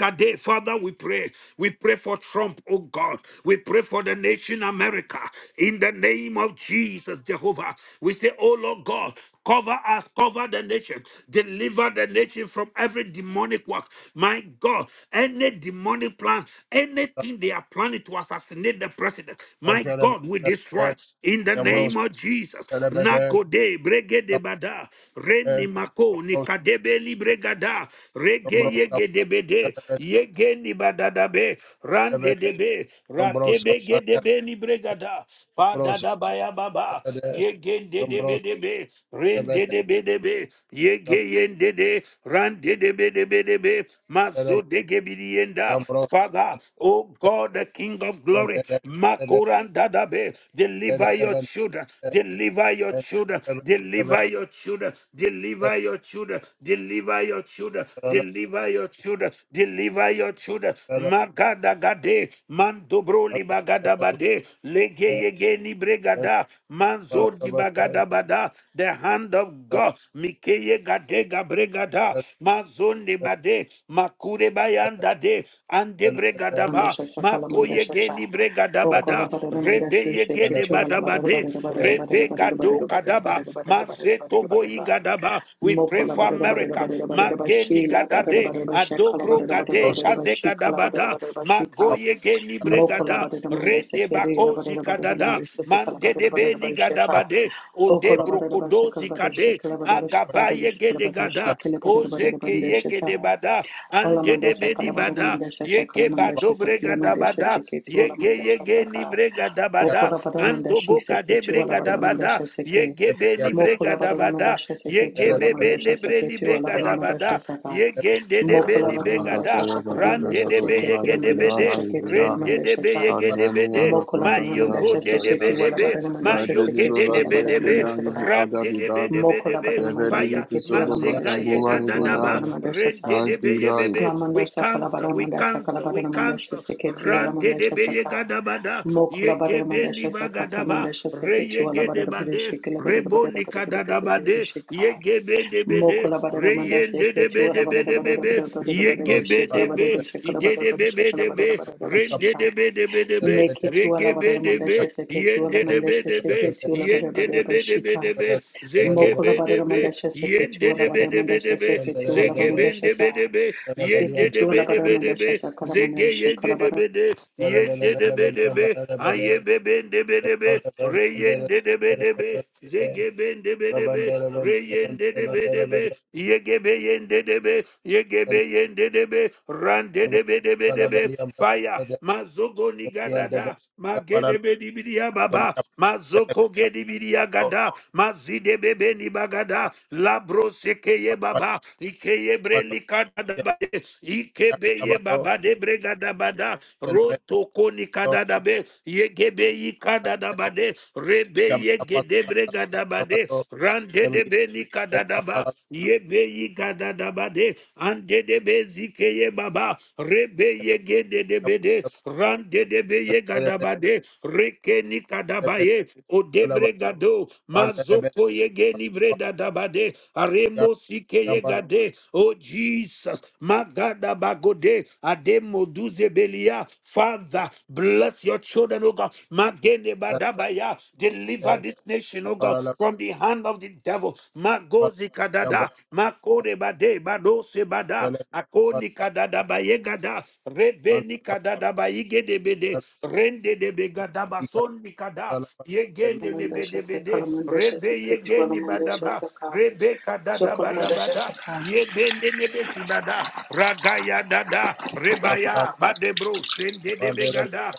Father, we pray. We pray for Trump, oh God. We pray for the nation America. In the name of Jesus, Jehovah. We say, oh Lord God, cover us, cover the nation, deliver the nation from every demonic work. My God, any demonic plan, anything they are planning to assassinate the president, my God, we destroy in the name of Jesus. Nakode bregede bada reni mako nikadebe libregada regeye gedebede. Yegendi badadabe, rande debe, rakebe gedebe ni bregada, badadabaya baba, yegende debe debe, rende debe debe, yegeyende de, rande debe debe debe, mazo degebilienda. Father, oh God, the King of glory, Makurandadabe. Deliver your children. Deliver your children. Deliver your children. Deliver your children. Deliver your children. Deliver your children. Deliver your children. Magadagade. Mandobroli bagadabade. Lege yege ni gada manzo di bagada bada the hand of God mikeye gade gabregada Mazon de
Thank
bade makure bayanda de ande bregada ba
Mandasha Sakala
makoye
Mandasha Sa
geni bregada
o Okola
bada
Badana
rebe
Mandashi
yegede
Sekichuala
bada
Badada
bade
Badada Badada Badada
rebe
Badada
gado
Badada
kadaba
Badada Badada Badada Badada
mazeto
Badada Badada
boyi
Ba
gadaba we pray
Mokola
for
Badada Badada
America
Badada Badada
mageni
Bashila Badada
gadade
Badada Bashakala
adobro
Badada Badada
gade
Badada
kaze
Bashikala Badada
gadabada
Badada Bashika
magoye geni
Mokola
bregada
Badada Mandasa
rede
Kiri
bakozi
Badada Badada
kadada
Mandasha Sakala
mande
Badada
de
Badada
beni
Bashika
gadabade o de
Okola Badada Bashakala
brokodozi
Badada
kade
Shakala Badada Shakala
agaba
Badada
yege
Shakala
de
Badada
gada
Shikala
o
Badada Badada
zeke yege de
Mandasha
bada
Ola
ande de
mandasha
beni
kalabada
bada
mandasha sakala
yege
mandasha
bado
sakile
brega da
mandasha
bada
seke tu ola
yege
mandasha
yege ni
saka
brega da bada
okola bada
ando
mandashi
boka de
seke tu ola
brega
bada
da bada
mandasha seke
yege beni brega
mokola
da
bada
bada
mandasha seke
yege
tu ola
bebe ne
mandasha seke
breni
tu ola
brega
bada
da
mandasha
bada
saka
yege de de
Thank
mokola
beni
bada
brega
mandasha
da
sakala
rande
mandasha
de be
seke tu la
yege de
mandasha
bede
seke tu ola
rende de
mandasha
be
sa
yege de bede
mokola
my
bada
you go
mandasha
de de
seke
be
tu
de
ola
be,
bada
my
mandasha
Mayoke
seke
de
tu
de
ola
be
bada
de be,
mandasha sa
Ram de de be de be de
mokola
be,
bada mandasha
Fire,
seke tu ola mandasha
Mazegaye
seke tu ola bada
Gadadaba,
mandasha
Ren
sa
de de be ye be
you.
be,
Alamanda
we cancel,
Sakalabada
we
Manda
cancel,
Sakalabada
we
Manda
cancel,
Shiseketi
Ran de
Alamanda
de be ye
Shasaka
Gadabada, Ye
Mokola Bada Manda
gebe ni
Shasakata Manda
Magadaba, Re
Shaseketu
ye ge
Alabada
de, bade,
Budishikila Bada
Rebo
shikila
ni
Bada Bada Bada
Kadadabade, Ye
Bishika
gebe de be de,
Mokola Bada Manda
Reyende de be
Seketu
de be
Alabada
de be
Bada
be.
Bada Bada Bada
Yege be de
Bishikala Bada
be.
Bishikala
Ide
Bada
de be be
Bishikala
de
Bada
be.
Bada
Rende
Bishika
de be de be de be.
Make it to
Rege be
Alabada
de
Manda
be.
Shaseketu
Yende de
Alamanda
be de be.
Shaseketu Alabada
Yende
Bada
de be de be
Bishika
de be. Zege
Mokola
be de
barada
be.
mandasha seke tu
Yende
ala
de be
barada
de be de
mandasha
be.
seke tu ala
Zege be
mandasha
de
sa
be de be.
seke
Yende de
tu ala
be de
barada
be de
mandasha
be.
sa kala
Zege
mandasha
yege
kala
de
barada
be de de de de de de de de de de de de de be be, be ben de be de be re yende de be, de be zege ben de be, de be re yende de be de be, yege be yende de be, yege
you.
be yende de be, re re Yendedebedebe, de
Yambara
de be de be de be, Fire, Mazogo niga dada, magede be di bidi ya baba. Mazoko gedi bidia gada, mazide bebe ni bagada, labro sekeye baba, ikeye breli kada babe, ikebeye baba de bregada bada, roto koni kada dabe, yegebe ikada dabade, rebe yegede bregada bade, rande de beni kada daba, yebe yigada dabade, ande de bezikeye baba, rebe yegede de bede, rande de beye gadabade, reke ni kadabaye, odebre gado, mazoko yege ni breda dabade, aremo sike yegade, oh Jesus, magadabagode, ademo duze belia, Father, bless your children, oh God, magene badabaya, deliver this nation, oh God, from the hand of the devil, magozi kadada, makore bade, badose bada, akoni kadada bayegada, rebe nikadadaba yigedebede rende debegadaba son nikada yegende
mandasha sa kala
lebedebede
mandasha
rebe
seke tu ala
yegeni
mandasha
badaba
sa ka
rebe
so kala mandasha sa
kadadabadabada
ka
yegende nebesibada ragaya dada rebaya badebro sende debegada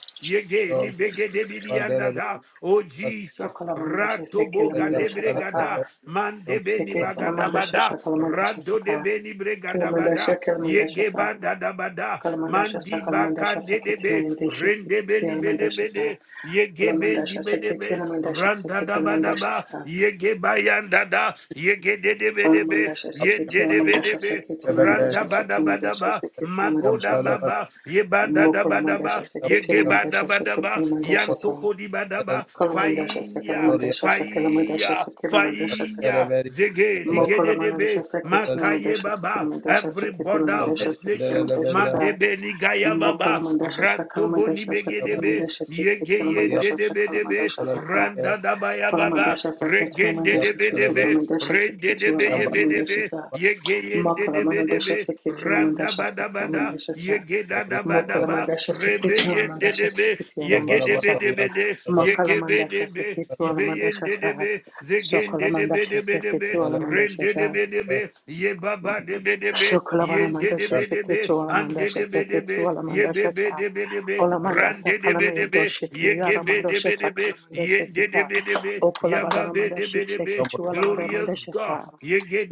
Yambara
yegeni begedebidiandada oh
so
jesus
kala mandasha
Rato
seke la
boga de
mandasha sa ka
bregada Man ratoboga debregada mandebeni
seke tu ala mandasha sa
bagadabada
kala mandasha sa
rado
ka
debeni
kala mandasha
bregadabada
kala mandasha sa
yegebanda
kala mandasha sa
Mandi
kala mandasha
bakande
seke tu la
debe,
mandasha
rende
seke tu
beni
ala
bede
mandasha sa
bede, yege
ola
bendi
mandasha seke
bede
tu
be,
ala mandasha seke
randa
tu
da
ala
ba da
mandasha sa Olamandasha Seketi Olamandasha Seketi
ba,
Olamandasha
yege bayanda da, yege de de bede be,
Olamandasha seketi,
yende de
Olamandasha
bede be,
seketi,
randa
Olamandasha
ba
seketi,
da ba da
Olamandasha
ba,
seketi, Olamandasha
magoda
sa.
ba ba, ye ba da da ba da
Mokolamandasha
ba,
seketi,
yege ba da
Olamandasha
ba da
seketi,
ba,
Olamandasha sa.
yantoko di ba da ba,
Kolamandasha seka,
fire,
Olamandasha seka,
fire,
Olamandasha seka, Olamandasha
Faiya
seka.
Zege
Mokolamandasha
Nigedebe
seketi,
Makaye
Olamandasha seka,
Baba
Olamandasha
every
seketi,
border of
Olamandasha
this
seka,
nation
Olamandasha sa.
Madebe Nigaya Baba
Mokolamandasha seka,
Rantobo
Olamandasha seka,
Nibegedebe
Olamandasha seketi,
Yege
Olamandasha seka,
Yendebe Debe
Olamandasha seka.
Randa Dabaya Baba
Kolamandasha seketi,
Regende
Olamandasha
Debe
seketi,
Debe
Olamandasha seketi, Olamandasha
Rendedebe
sa.
Ye ye de de de de
Makalamandasha
be, randa
Sekitilamandasha
bada bada,
Sakalamandasha Sa
yege da da bada ba,
Mokalamandasha
rebeyen de,
Sekitilamandasha
de be, yege de
Sekitilamandasha
be
Sa
de be de yege be de
Makalamandasha
be, ibeyen
Sekitilamandasha
de de
Sa
be, zegen de de be
Sokalamandasha
de be de be, ren
Sekitilamandasha
de de
Sa
be be, be be. be be be be, be. be
Shokolabana
be
mandasha
be, be be. be an de
Shokolabanamandashi Seketualamandasha
de be, de be ye be,
Seketualamandasha
be
Sa
de be, de be ran
Olamandasa
de de be de
Kalamaya
be
Dosha
yege be, de
mandasha Sa
be
Kalamandasha
ran da da ba an be yen de de
Sika
be de be, yegebedebe, ibeyendedebe, zegendedebedebedebe, rendedebedebe, yebabadebedebe, yendedebedebe, andedebedebe, be de be
Okolabanamandashik mandasha
de be,
seketu alamandasha
Glorious
mandasha
God.
Sa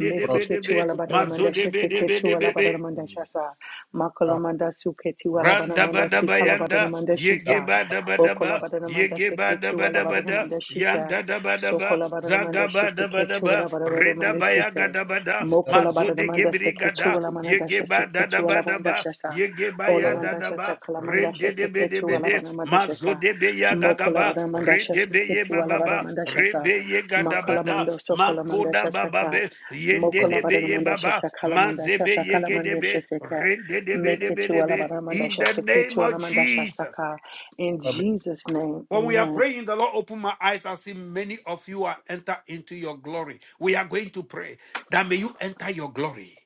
meseketu alabana mandasha Meseketualabanamandasha
mazodebedebedebe.
mandasha Sa Makolamandasu
Randa bada
Ketualabanamandasi
bayanda,
Kalabanamandashi Sa
yege bada bada ba,
okolabana
yege
mandasha
bada
seketu
bada
alabana
bada,
mandasha sa,
yanda da bada
Okolabanamandasa
ba, zaga bada
Ketualabanamandashisa
bada ba, reda
Sokolabanamandashi
bayaga
sa.
da bada,
Mokola bada da
mazode
manda
gebri
seke tu
gada,
ala manda sha
yege
seke
bada da
tu
bada ba,
sha sa.
yege
Ola
bayanda da
sha sa
ba,
kala sha
rende de be
seke
de
tu
be de,
sha sa.
mazode be yaga
Mokola
gaba,
bada manda sha
rede be
seke
ye
tu ala
baba ba,
sha sa.
rebe ye gada
Makala
bada,
mando sokola manda sha
makoda
sa
baba
ka.
be, yende
Mokola
de be
bada da
ye
manda sha
baba,
sa kala sha
Mazebe
sa
yegedebe,
Make it tu ala
rendedebedebedebe,
bada manda
In
sha
the
seke
name
tu
of
sha sa
Jesus.
In Jesus' name,
When we are
amen.
praying, the Lord open my eyes. I see many of you are enter into your glory. We are going to pray that may you enter your glory.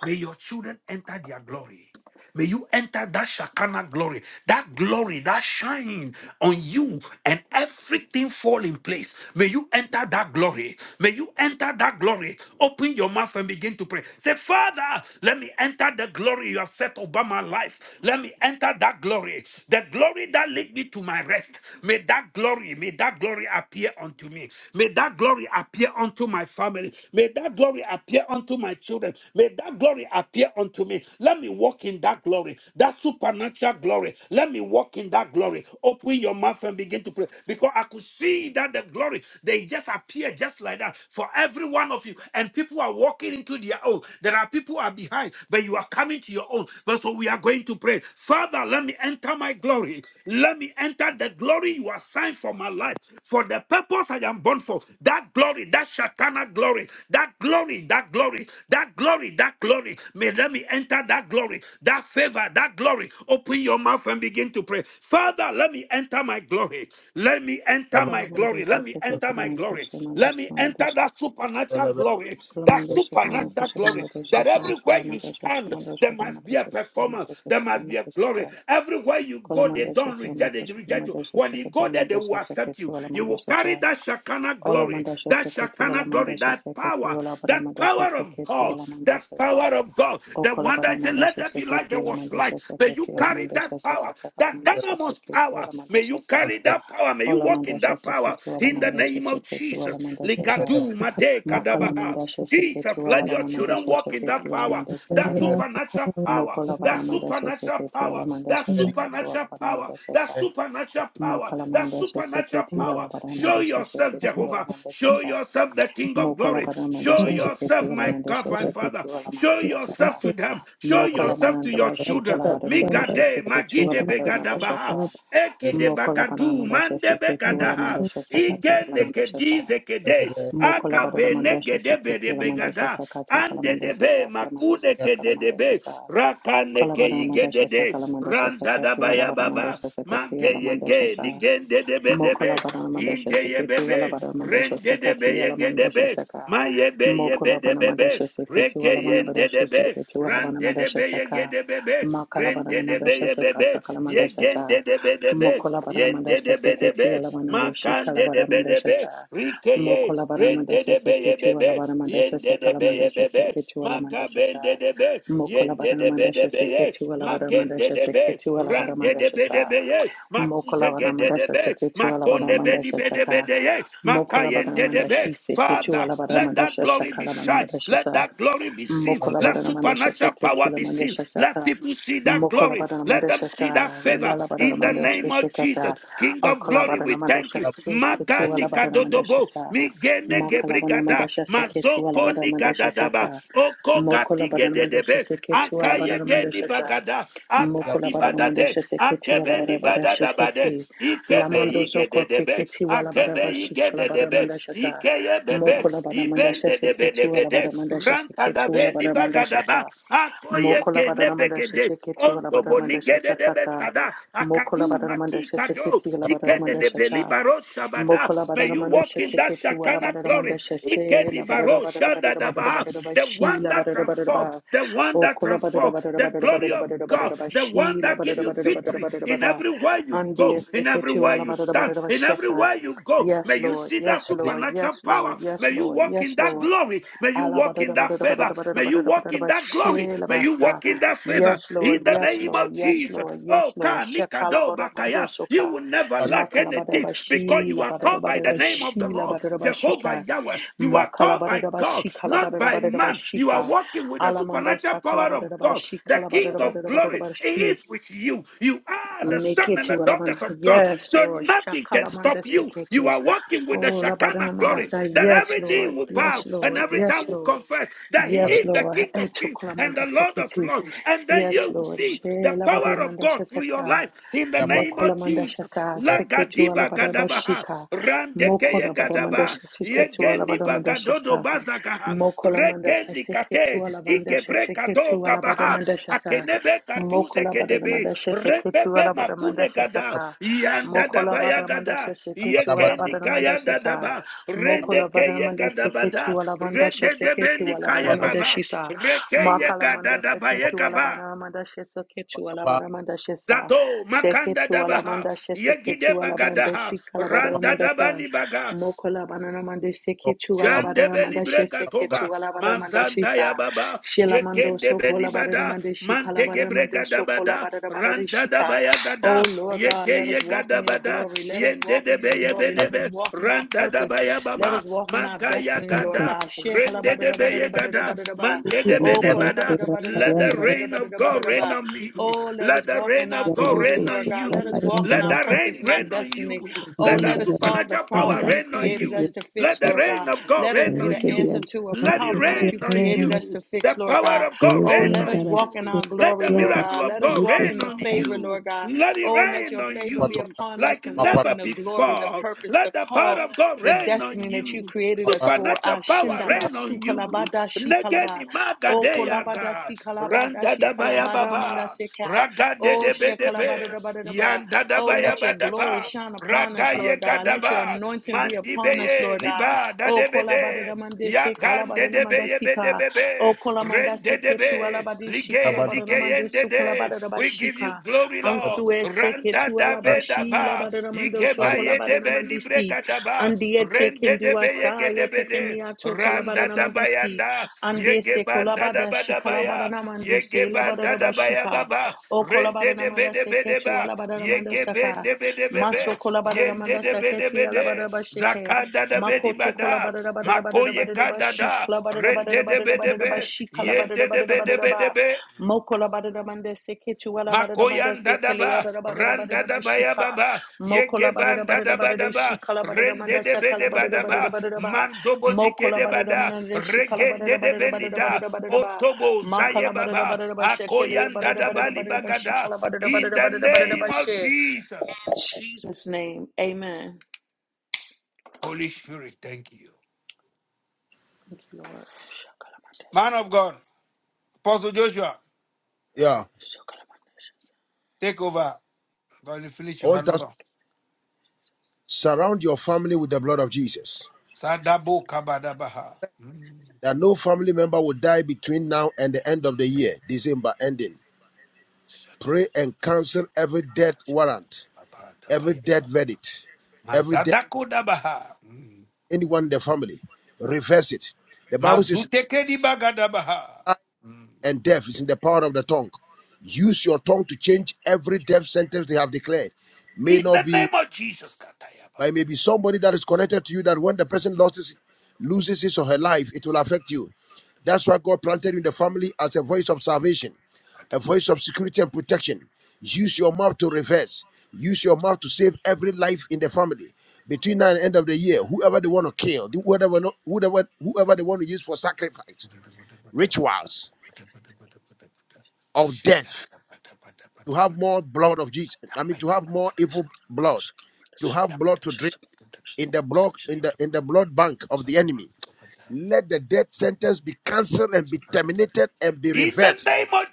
May your children enter their glory. May you enter that Shakana glory, that glory that shine on you and everything fall in place. May you enter that glory. May you enter that glory. Open your mouth and begin to pray. Say, Father, let me enter the glory you have set over my life. Let me enter that glory, the glory that lead me to my rest. May that glory, may that glory appear unto me. May that glory appear appear unto my family. May that glory appear unto my children. May that glory appear unto me. Let me walk in that glory, that supernatural glory. Let me walk in that glory. Open your mouth and begin to pray because I could see that the glory they just appear just like that for every one of you. And people are walking into their own. There are people who are behind, but you are coming to your own. But so we are going to pray. Father, let me enter my glory. Let me enter the glory you assigned for my life, for the purpose I am born for. That glory, that Shatana glory, that glory, that glory, that glory, that glory. May let me enter that glory, that favor, that glory. Open your mouth and begin to pray. Father, let me enter my glory. Let me enter
Kola
my
manda
glory.
sha
Let me
seke tu
enter my glory.
sha manda
Let me
sha
enter
sha.
that supernatural glory. That
Kalamadesha,
supernatural
Kalamadesha,
glory
Kalamadesha,
that everywhere you
Samashamadesha,
stand, there
Samadesha,
must be a
Kalamadesha,
performance, there
Kalamadesha,
must be a
Kalamadesha,
glory.
Sa,
Everywhere you go, they
Kalamadesha,
don't reject, they
Salamafasha,
reject you.
Kalamadesha,
When you go there, they will
Sakatamadesha,
accept
Sakati,
you. You will
Alamadesha,
carry
Sa,
that Shekinah glory,
Olamadesha,
that
Sakati,
Shekinah glory,
Alamadesha,
that
Sakati,
power, that
Walabamadesha,
power of
Sakati,
God, that
Alamadesha, Sa,
power of God. The one that said, Let
Okalabamadesha,
there be light,
Sakati,
there was light.
Alamadesha,
May
Sakati,
you carry that
Alamadesha,
power,
Sakata,
that
Kalamadesha,
dynamos
Sakati,
power. May
Alamadesha,
you
Sa,
Yeah,
carry that power. May you walk in
Olamadesha,
that power
Sakati,
in the
Alamadesha,
name of
Sakati,
Jesus.
Alamadesha, Sa,
Ligadu made
Makala
kadabaha.
mandasha seketi
Jesus,
wala
let your
bara
children
mandasha
walk in
seketi
that
wala
power,
mandasha
that
saka.
supernatural power,
Mokola bara
that
mandasha
supernatural
seketi wala
power, that
mandasha sakati wala
supernatural
bara
power,
mandasha
that
sa.
supernatural power,
Makala
that
mandasha
supernatural
seketi wala
power.
bara
Show
mandasha
yourself,
seketi wala
Jehovah.
mandasha
Show
sa.
yourself, the King of
Mokola
glory.
bara
Show
mandasha
yourself,
seketi wala
my God,
mandasha
my
seketi
Father.
wala
Show
mandasha
yourself
saka.
to them. Show
Mokola
yourself to
mananda
your
bashi
children.
kala bara mandasha
Migade,
seketi
Magide
wala bara mandasha
Begadabaha,
sa.
Eki de
Mokola bara
Bagadu,
mandasha
Mande
seketi wala
Begadaha,
mandasha sakata
Ige
kala mandasha sa.
Nekedize Kede,
Mokola barada
akabene
mandasha
gedebe de
saketi la mandasha
begada
sakata kala
ande
mandasha
debe
sakala mandasha
makune
sakala mandasha
kedebe
sa
rakane
kola
ke
barada mandasha
igedede
sakala mandasha
randa da
sakati wala
baya
barada
baba
mandasha
mange
sakati la mandasha
yege
sa
nigende debe
Mokola
debe
bana madasha
inde
seketi wala
yebebe
bana madasha
rende debe
sekati wala madasha
yegedebe
seka.
mayebe yebe
Mokola bana
debebe
madasha seketi wala
reke
bana
yende
madasha
debe
seketi wala bana
rande
madasha seka.
debe
Makala bana
rende de be
madasha
ye be
seka
be,
sakala
ye
madasha
gen
sa.
de de be de be,
Mokola bana
yen de
madasha
de be de
seketi
be,
wala bana reshi
makan
kala
de
bana
de be de
madasha sa.
be, rike ye,
Mokola bana
rende
madasha
de be ye
seketi
be be,
wala bana madasha
yen de de
sekala
be ye
madasha
be be,
seketi wala
maka
madasha sa.
ben de de be,
Mokola
yende
bana
de be de
madasha
be ye,
seketi wala bana
magende
madasha
de be,
seketi wala bana
rande de
madasha
be de
sa.
be ye,
Mokola bada
makuzege de de
mandasha
be,
seke tu ala bada
makonde be di
mandasha
be de be
saka.
de ye,
Mokola bada
makayende de be.
mandashi seke tu
Father,
ala bada
let that
mandasha
glory
saka
be
la bada
shined,
mandasha
let
sa.
that glory be seen,
Mokola bada
let
mandasha
supernatural
seke tu
power
la
be seen,
mandasha
let
saka.
people see that
Mokola
glory,
bada
let them
mandasha
see that
sa.
favor
Yala bada
in the
mandasha
name of Jesus,
sekata.
King of
Okola
glory.
bada
We thank
mandasha
you,
seke tu ala bada
Maganika
mandasha
dodobo,
sa. Makala bada
negebrigada
mandasha seke tu ala
mazoko
bada mandasha
nigadadaba
saka.
oko
Mokola bada mandasha
gatigededebe
seke tu ala bada
akayegeni
mandasha sa.
bagada akadi
Mokolabara
badade
mandasha seketi
akebeni
walabara bara
badadabade
sheketi.
ikebe
Lamando zoko
igededebe
teketi walabara
akebe
bashi kalabara
igededebe
mandasha sa.
ikeyebebe
Mokolabara mandasha. seketi
ibendedebelebede
walabara mandasha seketi
rantadabeni
walabara mandasha
bagadaba
sa. Mokolabara mandasha.
akoyekenebegede
seketi seketi, seketi
ontobonigededebe
bashi
sada
Mokolabadamandasheketi walabadabadasheketi. Lamandozokoti walabadabashikalabadamandashasa. Mokolabadamandasheketi
akadu
walabadamandasheketi
maki
mandasha
Kado,
seketi walabadamandashasakata. Mokolabadamandasheketi
Ikene de
walabadamandashasa.
Belibaro Shabada.
Mokola
May
barara
you
manda
walk in
shese
that
keti wala
Shakana
barara manda
glory.
shese la
Ikene
barara
Baro
barara barara barara
Shadadabaha.
barara ba
The
shi
one
la
that
barara barara
transforms,
ba
the one that
okola barara
transforms,
barara
the
barara
glory
barara
of
barara
God,
barara ba
the one
shi la
that gives
barara
you
barara barara
victory
barara
in
bara
everywhere you
andi
go, in
ese keti
everywhere
wala
you
barara
stand,
barara ba
in
sheka
everywhere you go. May
yes
you
Lord
see that
yes Lord
supernatural
yes
power.
Lord yes
May you
Lord
walk
yes
in that
Lord
glory. May you walk in that favor. May you walk in that glory. May you
Alabadadabadadabadadabadadabadadabadadabashelabasa.
walk in that favor
Yes,
in
Lord.
the
Yes,
name
Lord.
of
Yes,
Jesus.
Lord. Yes,
Oh,
Lord.
Ka Nikado Bakaya, you
Shekalabadamandosoka.
will never lack anything because you are called by the name of the Lord, Jehovah
Makalabadabashilabadadabadadabashilabadadabashika.
Yahweh. You are called by God, not by man. You are
Makalabadadabashikalabadadabadadabashika.
walking with the supernatural power of God, the King of glory. He
Alamandosakalabadadabadashikalabadadabadadabadabashi.
is with you. You are the
Make
son
it
and the
to
daughters
Alabama.
of God.
Yes,
So
Lord.
nothing can
Shakalamanda
stop you. You
Seketu.
are walking with the
Oh,
Shekinah
Labadamanda
glory,
sa.
the that
Yes,
every knee
Lord.
will
Yes,
bow and
Lord.
every
Yes,
tongue will
Lord.
confess that he
Yes,
is the
Lord.
King of kings and
Etukulamanda
the Lord of
Seketu.
lords. And then
Yes,
you will
Lord.
see
She
the power of
Labadamanda
God through your
Shasaka.
life in the name of
Mokolamanda
Jesus.
Shasa Seketu
Lagadiba gadabaha,
Alabadabashika.
randekeye
Mokolabadamanda
gadaba,
Shasiketu
yegeni
Alabadamanda
bagadodo
Shasa.
bazagaha,
Mokolamanda
rekeni
Shaseketu
kate,
Alabanda Shaseketu
ikebrekado gabaha,
Alabadamanda Shasa.
akenebe kaduze
Mokola bada da
kedebe,
manda shese ketu
rebebe
ala bada manda
makune gada,
shasaka. Mokola
yandadabaya
bada manda
gada,
shese ketu ala bada
yegeni
da manda
kaya
shasa.
dadaba,
Mokola bada
Redekeye
manda
gadabada,
seketu ala manda shese ketu
rededebeni
ala bada
kaye
manda
baba,
shisa.
rekeye
Makala manda
gadadaba ye
seketu ala
gaba.
bada manda shese ketu ala bada manda shasa.
Zato makanda
Seketu ala
dabaha,
manda shese
yegide
ketu ala bada
bagadaha,
shikala bada
randa
manda sa.
dabani baga,
Mokola bada manda seketu ala bada manda
Shandebeli breka
shese
toga
ketu ala bada manda
mazanda
shisa.
ya baba
Shilamando
yegende beni
Sokola
bada
Badaramande Shikala
mantege
Badaramande
brega da
Sokola
bada
Badaramande
randa da
Shika.
baya
Oh
gada
Lord God,
yege
let us
ye
walk
gada
in your
bada
glory. Let us
yende
walk
de
in your
be ye be
glory.
de
Let us
be
walk in our
randa da
purpose.
baya
Let us
baba
walk in our
maga ya
destiny, Lord
gada
God. Shehala
rende
Badada
de be ye
Badada Badada
gada
Badada Ba.
mante de be
Oh
de
Kola
bada
Badada Badada
let
Badada
the
Badada
rain of
Badada
God rain on me
Oh, let
let
us
the
walk in
rain
our
of God
glory,
rain
duduk
on
Lord God.
surat
Let us
you
yang
walk in
let
our fulfilling our
the
dapat
purpose
rain
and our
rain on
destiny.
you
Thank
Oh,
let
let
that
us solve the
supernatural power
problem you
rain on
created us
you.
to
Let
fix,
the
Lord
rain
God.
of God
Let us
rain
be
on
the
you.
answer
you.
to a
Let it
problem that
rain
you
on
created us
you.
to
The
fix, Lord
power
God.
of God
Oh,
rain
let us
on
walk in
you.
our
Let
glory,
the
Lord
miracle
God.
of
Let us
God
walk in
rain
the
on
favor,
you.
Lord God.
Let it
Oh, let
rain
your
on
favor be
you
upon us
like
to walk
never
in the glory, the
before.
purpose,
Let
the
the power
call,
of God
the
rain on
destiny that you
you.
created us for.
Supernatural power
Ashindaba
rain on you.
sukalabada shikalaba.
Negeni
O
magadeyaga,
kolabada sikalabada
Randa da baya
shikalabada
baba.
mandaseka.
Raga de
O
de be de be.
shekalabada da bada da da ba.
Yanda da
Oh,
baya
let your
ba da
glory
ba.
shine upon us,
Ragaye
Lord God. Let your
Gadaba,
anointing be upon us,
Mantibeye,
Lord God.
Liba,
Oh, kolabada da
Dadebede,
mandese kalabada
Yakande
da
de be ye be de
mandasika.
be
O
be.
kolamanda
Rende de
seke tu
be.
alabadi
Lige,
shikalabada da
lige yende
mandesu
de.
kalabada da
We give you
bashika.
glory, Lord.
Ansue seke
Randa
tu
da be da
alabashi
ba.
labada da
Ige
mandoso
ba ye de
kolabada da
be ni
mandesi.
breka da ba.
Andiye teken
Rende de be
dua
ye
sa
ge
ya
de be
teken
de.
miato kolabada
Randa da ba
namandisi.
yanda. Ye
Andiye
ge
se
banda da
kolabada
ba
shi
da ba
kalabada
ya. Ye ge
namandisi labada
banda da ba ya ba
rabashika.
ba.
O
Rende
kolabada
de be
namanda
de be de
seketu
ba.
alabada
Ye
namanda
ge be
saka.
de be de be
Maso
be.
kolabada
Yende
namanda
de be de
seketi
be de.
alabada rabashike.
Zakanda da be di ba
Makoto
da.
kolabada rabada rabada
Makoye
rabada rabashi
gadada
kolabada rabada
rende de
rabada rabada
bedebe
rabashi kolabada
yende de
rabada rabada
bedebe
rabada.
debe
Mokolabada namanda seketu alabada namanda
Makoyan
sekeliya
dadaba
rabada rabada rabada
randa daba ya
rabashika.
baba
Mokola badada
yegeban
badada
dadaba
badada
daba
shikala badada manda
rende de
sakala
bedeba
badada badada
daba
badada ba.
mando bozike
Mokola
de
badada
bada
manada shikala badada
regende de
badada badada
benida
badada badada ba.
otobo zaye
Makala badada
baba
badada ba shekele
akoyan
badada
dadaba
badada badada ba
libagada
shikala badada
in
badada
the
badada badada
name
ba
of
she.
Jesus
In Jesus' name, amen.
Holy Spirit thank you
Thank you, Lord. Shakala manda
man of
sakiti.
God Apostle Joshua
Shakala manda sakiti.
take over God you finish
I
your
want us to
handover
surround your family with the blood of Jesus.
Sadabo kabadabaha. Mm.
that no family member will die between now and the end of the year, December ending. Pray and cancel every death warrant, every death
Shadababadabayaba.
verdict, every death,
Mazadakodabaha. Mm.
anyone in the family. Reverse it. The Bible says
Mazutekedibagadaba.
life
Mm.
and death is in the power of the tongue. Use your tongue to change every death sentence they have declared. May
In
not
the name
be,
of Jesus, Katayaba.
but it may be somebody that is connected to you that when the person lost his, loses his or her life, it will affect you. That's why God planted you in the family as a voice of salvation a voice of security and protection. Use your mouth to reverse. Use your mouth to save every life in the family. Between now and end of the year, whoever they want to kill, whoever, whoever, whoever they want to use for sacrifice, rituals of death, to have more blood of Jesus. I mean, to have more evil blood, to have blood to drink in the block in the in the blood bank of the enemy. Let the death sentence be cancelled and be terminated and be
In the
reversed.
name of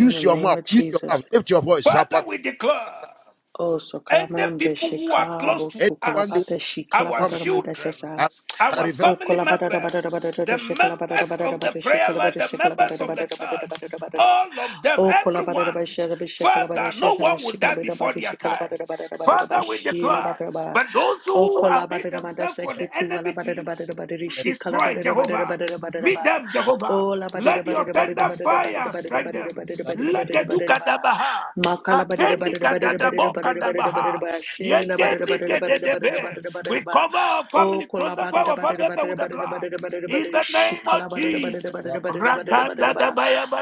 In the
your
name
mouth.
of
Use your mouth.
Jesus.
Lift your voice.
Father,
Zapata.
we declare.
Oh, so
Any
kalamanam de
people who are close
shikabo
to
to
Anyone they
kalabata
us, our
want
shikalabata
children,
mandashasa.
Amen.
our
Amen.
O
family
kola bara bara bara bara
members,
bara
the
shikala bara bara
members
bara
of the
bara
prayer
shikala
line,
bara
the
shikala bara
members of the
bara bara bara
church,
bara bara bara.
all of them,
O kola bara bara
everyone,
shikala bara shikala bara
Father, no
shikala bara
one will die
shikala bara
before
bara
their
shikala
time.
bara bara bara bara bara
Father, we
shila
declare,
bara bara.
but those
O
who
kola
have made
bara bara manda
themselves for the
seketi wala
enemy to
bara bara
use
bara bara
to
shikala
destroy
bara bara bara
Jehovah,
bara bara
meet
bara.
them, Jehovah.
O la bara
Let
bara
your
bara bara bara
tender
bara
fire
bara bara
strike
bara
them.
bara
Amen.
Let
Makala
the
badada badada
Akendi
badada badada badada
kadadabo
badada badada
kadabaha.
ba. Shela badada
Yekendi
badada badada badada
kededebe.
badada badada
We
ba.
cover our
O
family,
kola
crucify
badada
our family
badada
member
badada
with the
badada
blood.
badada badada
In
badada.
the name of
Shikala badada badada
Jesus.
badada badada badada badada
Raganda
ba.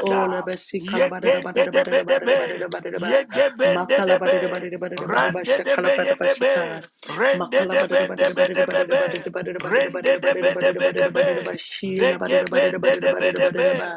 O lebe sikala badada
Yekende
badada
debe
badada badada
debe.
badada badada ba.
Yegebende
Makala badada
debe.
badada badada badada ba.
Rande de be
Shakala badada ba shika.
yebebe. Rende
Makala bada da
debe debe
bada
de
da
be.
bada da
de
bada da bada da
bebe.
bada da bada da
Rende
bada da
debe debe
bada da bada da bada da bada da
debe.
ba shila bada da bada da
Zegebende
bada da
debe
bada da bada da ba
debe.